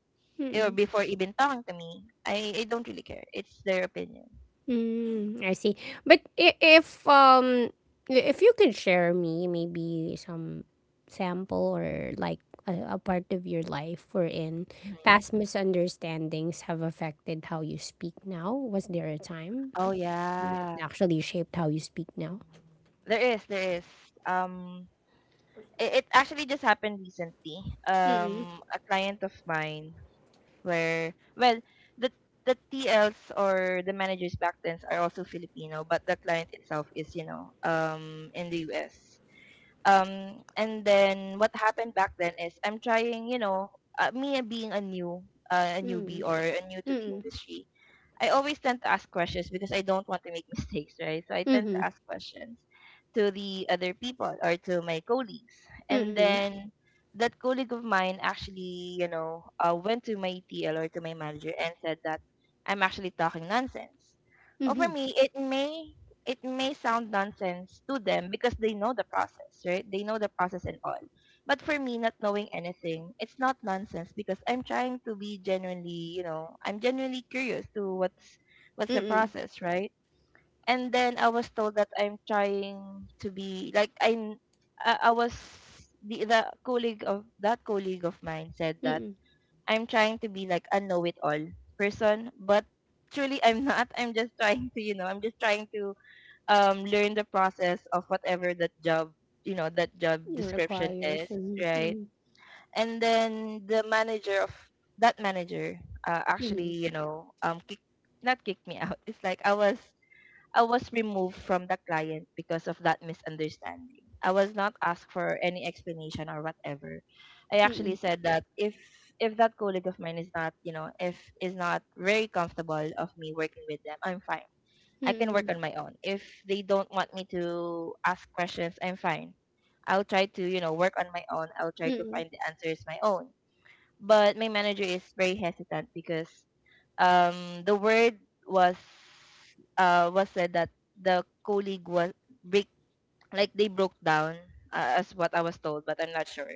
S2: or
S1: Mm-mm.
S2: before even talking to me. I, I don't really care. It's their opinion.
S1: Mm, I see. But i- if um i- if you could share me maybe some sample or like a, a part of your life wherein
S2: Mhm.
S1: past misunderstandings have affected how you speak now, was there a time
S2: Oh
S1: that
S2: yeah,
S1: actually shaped how you speak now?
S2: there is, there is. Um, it, it actually just happened recently. Um, a client of mine, where well, the the T Ls or the managers back then are also Filipino, but the client itself is you know um in the U S. Um, and then what happened back then is I'm trying, you know, uh, me being a new uh, a newbie
S1: Mm.
S2: or a new to the
S1: Mm.
S2: industry. I always tend to ask questions because I don't want to make mistakes, right? So I tend to
S1: Mm.
S2: ask questions to the other people or to my colleagues. And
S1: Mm.
S2: then that colleague of mine actually, you know, uh, went to my T L or to my manager and said that I'm actually talking nonsense. Well, for
S1: Mm.
S2: me, it may it may sound nonsense to them because they know the process, right? They know the process and all. But for me, not knowing anything, it's not nonsense because I'm trying to be genuinely, you know, I'm genuinely curious to what's what's the
S1: Mm.
S2: process, right? And then I was told that I'm trying to be like I'm. I, I was the the colleague of that colleague of mine said that
S1: Mm.
S2: I'm trying to be like a know-it-all person, but truly I'm not. I'm just trying to, you know, I'm just trying to um learn the process of whatever that job, you know, that job
S1: It
S2: description
S1: requires.
S2: is,
S1: Mm.
S2: right?
S1: Mm.
S2: And then the manager of that manager uh, actually
S1: Mm.
S2: you know um kick, not kicked me out. It's like i was i was removed from the client because of that misunderstanding. I was not asked for any explanation or whatever. I actually
S1: Mm.
S2: said that if if that colleague of mine is not you know if is not very comfortable of me working with them, I'm fine. I can work
S1: Mm.
S2: on my own. If they don't want me to ask questions, I'm fine. I'll try to, you know, work on my own. I'll try to
S1: Mm.
S2: find the answers my own. But my manager is very hesitant because um the word was uh was said that the colleague was break like they broke down, uh, as what I was told, but I'm not sure.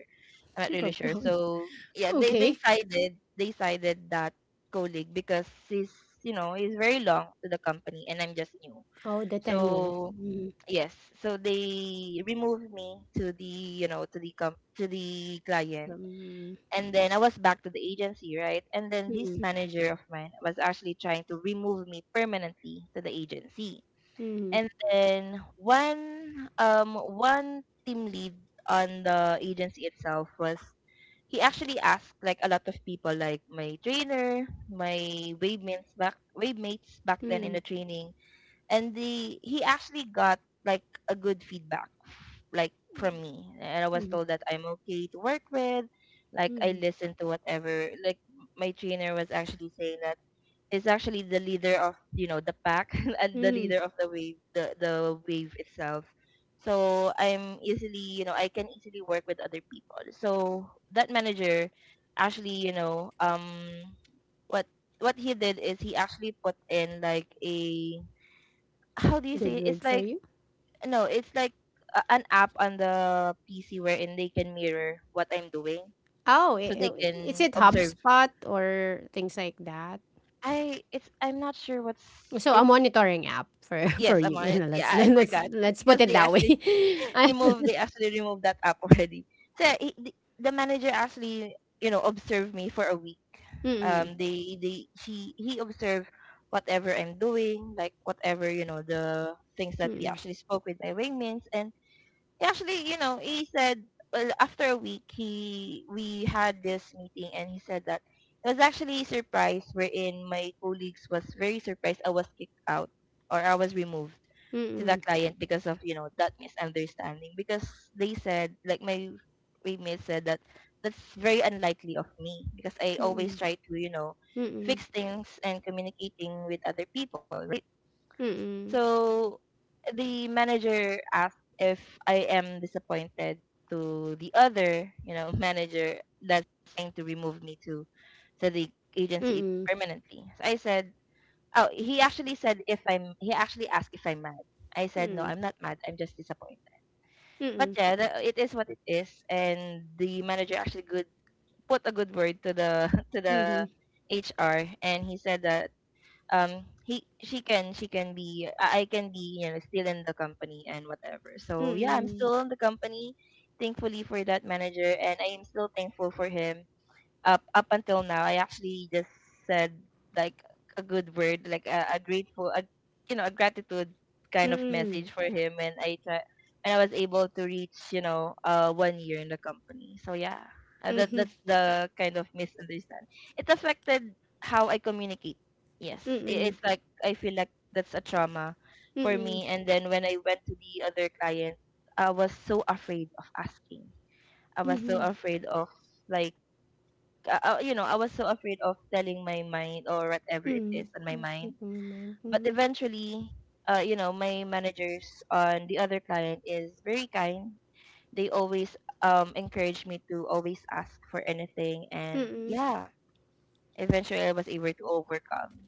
S2: I'm
S1: You
S2: not really
S1: broke
S2: sure.
S1: down.
S2: So yeah, they they
S1: Okay.
S2: sided they sided that colleague because he's you know he's very long to the company and I'm just new.
S1: Oh, the tenor.
S2: So yes, so they removed me to the you know to the com- to the client,
S1: Um,
S2: and then I was back to the agency, right? And then this
S1: Mm,
S2: manager of mine was actually trying to remove me permanently to the agency,
S1: mhm,
S2: and then one um one team lead on the agency itself was. He actually asked like a lot of people, like my trainer, my wave mates back wave mates back then in the
S1: mhm,
S2: training, and the he actually got like a good feedback like from me, and I
S1: mhm,
S2: was
S1: mhm,
S2: told that I'm okay to work with, like I
S1: mhm,
S2: listened to whatever like my trainer was actually saying that he's actually the leader of you know the pack and the
S1: mhm.
S2: leader of the wave, the the wave itself, so I'm easily you know I can easily work with other people. So that manager actually you know um what what he did is he actually put in like a how do you say
S1: Good
S2: it? It's
S1: word for
S2: like
S1: you.
S2: no, it's like a, an app on the P C wherein they can mirror what I'm doing,
S1: Oh,
S2: so
S1: i-
S2: they
S1: i- is
S2: can
S1: it
S2: observe.
S1: HubSpot or things like that?
S2: I it's I'm not sure what's
S1: So a
S2: it's
S1: monitoring app for for
S2: yes I'm
S1: you.
S2: on it. Yeah,
S1: Let's
S2: I
S1: let's
S2: forgot
S1: let's put
S2: because
S1: it
S2: they
S1: that way.
S2: actually
S1: Ah,
S2: remove they actually removed that app already. So yeah, he, the, the manager actually you know observed me for a week.
S1: mm-mm.
S2: Um, they they she he observed whatever I'm doing, like whatever you know the things that we actually spoke with my wingmans, and actually, you know, he said well, after a week he we had this meeting and he said that it was actually a surprise wherein my colleagues was very surprised I was kicked out or I was removed to the
S1: Mm-mm.
S2: client because of, you know, that misunderstanding because they said like my roommate said that that's very unlikely of me because I always
S1: Mm-mm.
S2: try to, you know,
S1: Mm-mm.
S2: fix things and communicating with other people, right?
S1: Mm-mm.
S2: So the manager asked if I am disappointed to the other, you know, manager that's trying to remove me to to the
S1: Mm-mm.
S2: agency
S1: Mm-mm.
S2: permanently. So I said, oh, he actually said if I'm, he actually asked if I'm mad. I said, no, I'm not mad. I'm just disappointed. But yeah, the, it is what it is, and the manager actually good put a good word to the to
S1: Mm-mm.
S2: the H R, and he said that um he she can she can be I I can be you know still in the company and whatever. So yeah, I'm
S1: Mm.
S2: still in the company. Thankfully for that manager, and I am still thankful for him up up until now. I actually just said like a good word like a, a grateful a, you know a gratitude kind of
S1: Hmm.
S2: message for him, and I try and I was able to reach you know uh one year in the company. So yeah, uh,
S1: Mm-mm. Mhm,
S2: that
S1: mm-mm.
S2: that's the kind of misunderstand. It affected how I communicate. Yes, I-
S1: Mm-mm.
S2: it's like I feel like that's a trauma
S1: Mhm. Mm-mm.
S2: for
S1: Mm-mm.
S2: me, and then when I went to the other client, I was so afraid of asking. I was so afraid of like uh, uh, You know, I was so afraid of telling my mind or whatever it
S1: Mm-mm.
S2: is on my
S1: Just
S2: mind.
S1: making my
S2: But
S1: mind.
S2: eventually, uh, you know, my managers on the other client is very kind. They always um encourage me to always ask for anything, and
S1: Mm-mm.
S2: yeah, eventually I was able to overcome.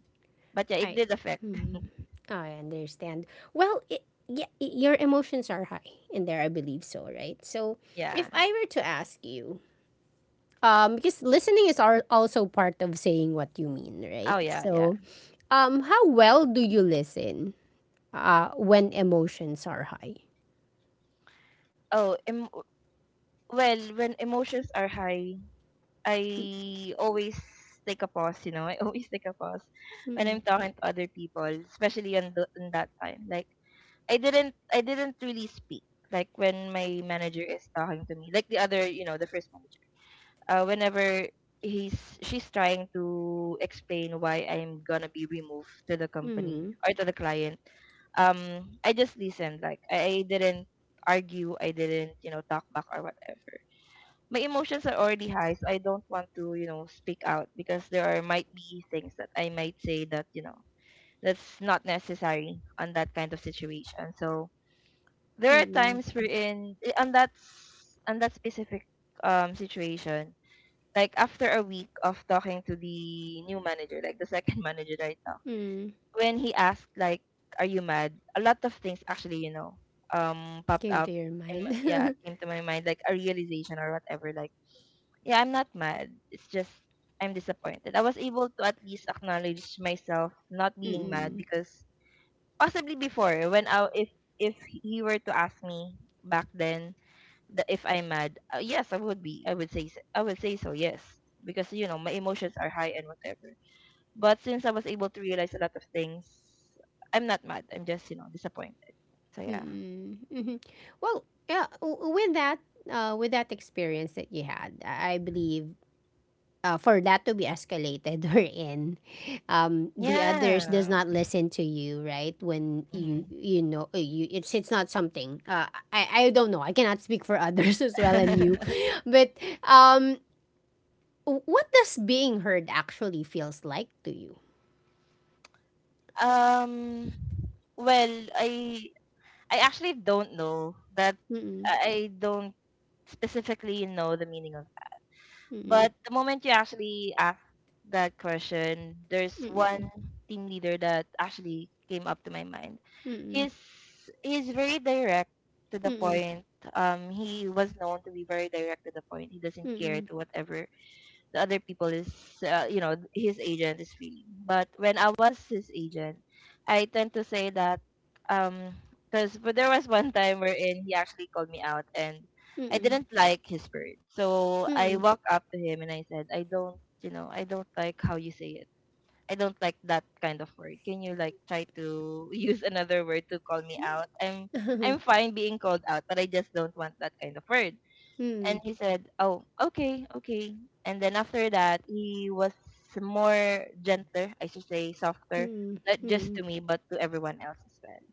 S2: But yeah, it
S1: I,
S2: did affect.
S1: mhm. I understand. Well, it, yeah, I your emotions are high in there. I believe so, right? So, if
S2: Yeah.
S1: I were to ask you, um, because listening is are also part of saying what you mean, right?
S2: Oh yeah, yeah.
S1: So, um, how well do you listen? Uh, when emotions are high.
S2: Oh, em- well, when emotions are high, I always take a pause, you know. I always take a pause when
S1: Mm.
S2: I'm talking to other people, especially on, the, on that time. Like I didn't I didn't really speak. Like when my manager is talking to me, like the other, you know, the first manager. Uh, whenever he's She's trying to explain why I'm gonna be removed to the company
S1: Mm.
S2: or to the client, um, I just listened. Like I, I didn't argue. I didn't, you know, talk back or whatever. My emotions are already high, so I don't want to, you know, speak out because there are might be things that I might say that, you know, that's not necessary on that kind of situation. So there are
S1: Mm.
S2: times we're in eh, on that s- on that specific um situation. Like after a week of talking to the new manager, like the second manager that I talked,
S1: Mm.
S2: when he asked like, "Are you mad?" A lot of things actually, you know, um, popped
S1: Came
S2: up,
S1: to your
S2: and
S1: mind.
S2: yeah, came to my mind like a realization or whatever. Like yeah, I'm not mad. It's just I'm disappointed. I was able to at least acknowledge myself not being mad
S1: Mm-mm.
S2: because possibly before when I if if he were to ask me back then the, if I'm mad, uh, yes, I would be. I would say s- I would say so. Yes, because you know my emotions are high and whatever. But since I was able to realize a lot of things, I'm not mad. I'm just you know disappointed. So yeah,
S1: Mm-mm. Mm-hmm. Well, yeah, w- with that, uh, with that experience that you had, I I believe uh, for that to be escalated or in, um, the others does
S2: yeah.
S1: not listen to you right when
S2: Hmm.
S1: you you know uh, you it's it's not something uh, I I don't know I cannot speak for others as well and you but um w- what does being heard actually feels like to you?
S2: um. Well, I I actually don't know that
S1: Mm-mm,
S2: I I don't specifically know the meaning of that.
S1: mm-mm,
S2: But the moment you actually ask that question, there's
S1: mm-mm,
S2: one team leader that actually came up to my mind.
S1: mm-mm,
S2: He's he's very direct to the
S1: mm-mm,
S2: point. Um, he was known to be very direct to the point. He doesn't care to whatever the other people is uh, you know his agent is feeling. But when I was his agent, I tend to say that um because there was one time wherein he actually called me out, and
S1: mm-mm,
S2: I
S1: mm-mm,
S2: didn't like his spirit. So I walked up to him and I said I don't you know I don't like how you say it. I don't like that kind of word. Can you like try to use another word to call me out? i'm
S1: mm-mm,
S2: I'm fine being called out, but I just don't want that kind of word. And
S1: mm-mm,
S2: he said, "Oh, okay, okay." And then after that, he was more gentler, I should say, softer, not just
S1: mm-mm.
S2: to me but to everyone else as well.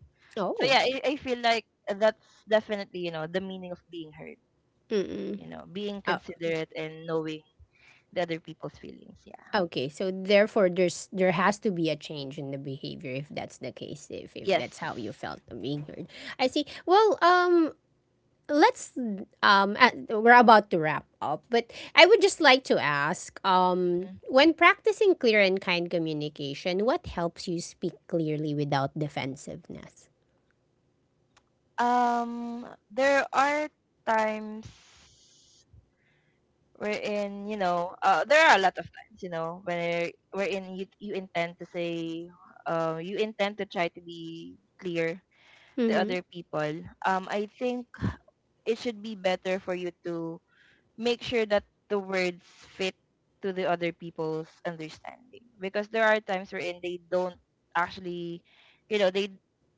S2: So
S1: Oh,
S2: yeah, I, I feel like that's definitely you know the meaning of being heard.
S1: mm-mm.
S2: You know, being
S1: Uh,
S2: considerate and knowing the other people's feelings. Yeah.
S1: okay, so therefore there's there has to be a change in the behavior if that's the case, if, if
S2: Yes.
S1: that's how you felt being heard. I see. Well, um let's um uh, we're about to wrap up, but I would just like to ask um
S2: Mhm.
S1: when practicing clear and kind communication, what helps you speak clearly without defensiveness?
S2: Um, there are times. Wherein you know uh, there are a lot of times you know where wherein you you intend to say uh, you intend to try to be clear to
S1: Mhm.
S2: other people. um I think it should be better for you to make sure that the words fit to the other people's understanding because there are times wherein they don't actually you know they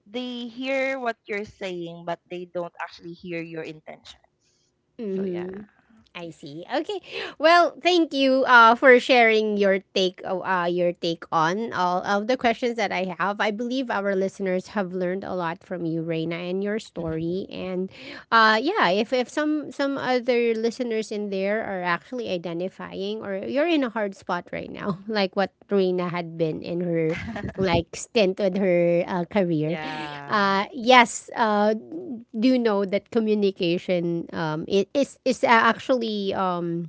S2: they hear what you're saying, but they don't actually hear your intentions. So yeah.
S1: Mhm. I see. Okay. Well, thank you uh, for sharing your take uh, uh, your take on all of the questions that I have. I believe our listeners have learned a lot from you, Reina, and your story. And uh, yeah, if, if some some other listeners in there are actually identifying or you're in a hard spot right now, like what Reina had been in her like stint with her uh, career.
S2: Yeah.
S1: Uh, yes, uh, do know that communication um, it is is actually um,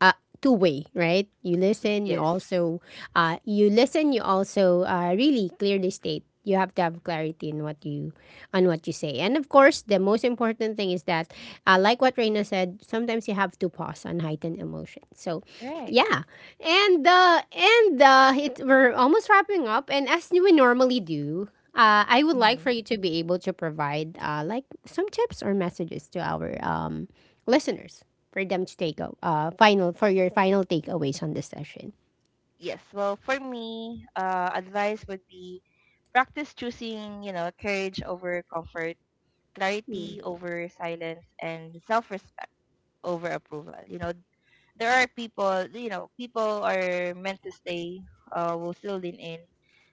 S1: uh, two way, right? You listen, you
S2: Yes.
S1: also uh, you listen, you also uh, really clearly state. You have to have clarity in what you on what you say, and of course, the most important thing is that, uh, like what Reina said, sometimes you have to pause on heightened emotion. So,
S2: Right.
S1: yeah, and uh, and uh, it, we're almost wrapping up, and as we normally do. Uh, I would like for
S2: Hmm.
S1: you to be able to provide uh, like some tips or messages to our um, listeners for them to take a uh, final for your final takeaways on this session.
S2: Yes. Well, for me, uh, advice would be practice choosing, you know, courage over comfort, clarity over silence, and self-respect over approval. You know, there are people, you know, people are meant to stay, uh, will still lean in,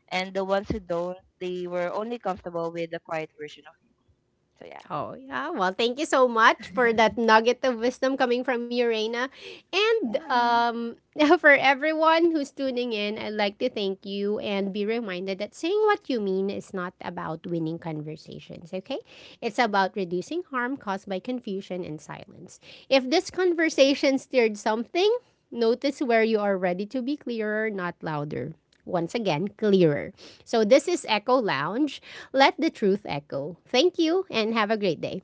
S2: and the ones who don't, they were only comfortable with the quiet version of you. So yeah.
S1: Oh yeah, well thank you so much for that nugget of wisdom coming from you, Reina. And
S2: Yeah.
S1: um for everyone who's tuning in, I'd like to thank you and be reminded that saying what you mean is not about winning conversations, okay? It's about reducing harm caused by confusion and silence. If this conversation stirred something, notice where you are ready to be clearer, not louder. Once again, clearer. So this is Echo Lounge. Let the truth echo. Thank you and have a great day.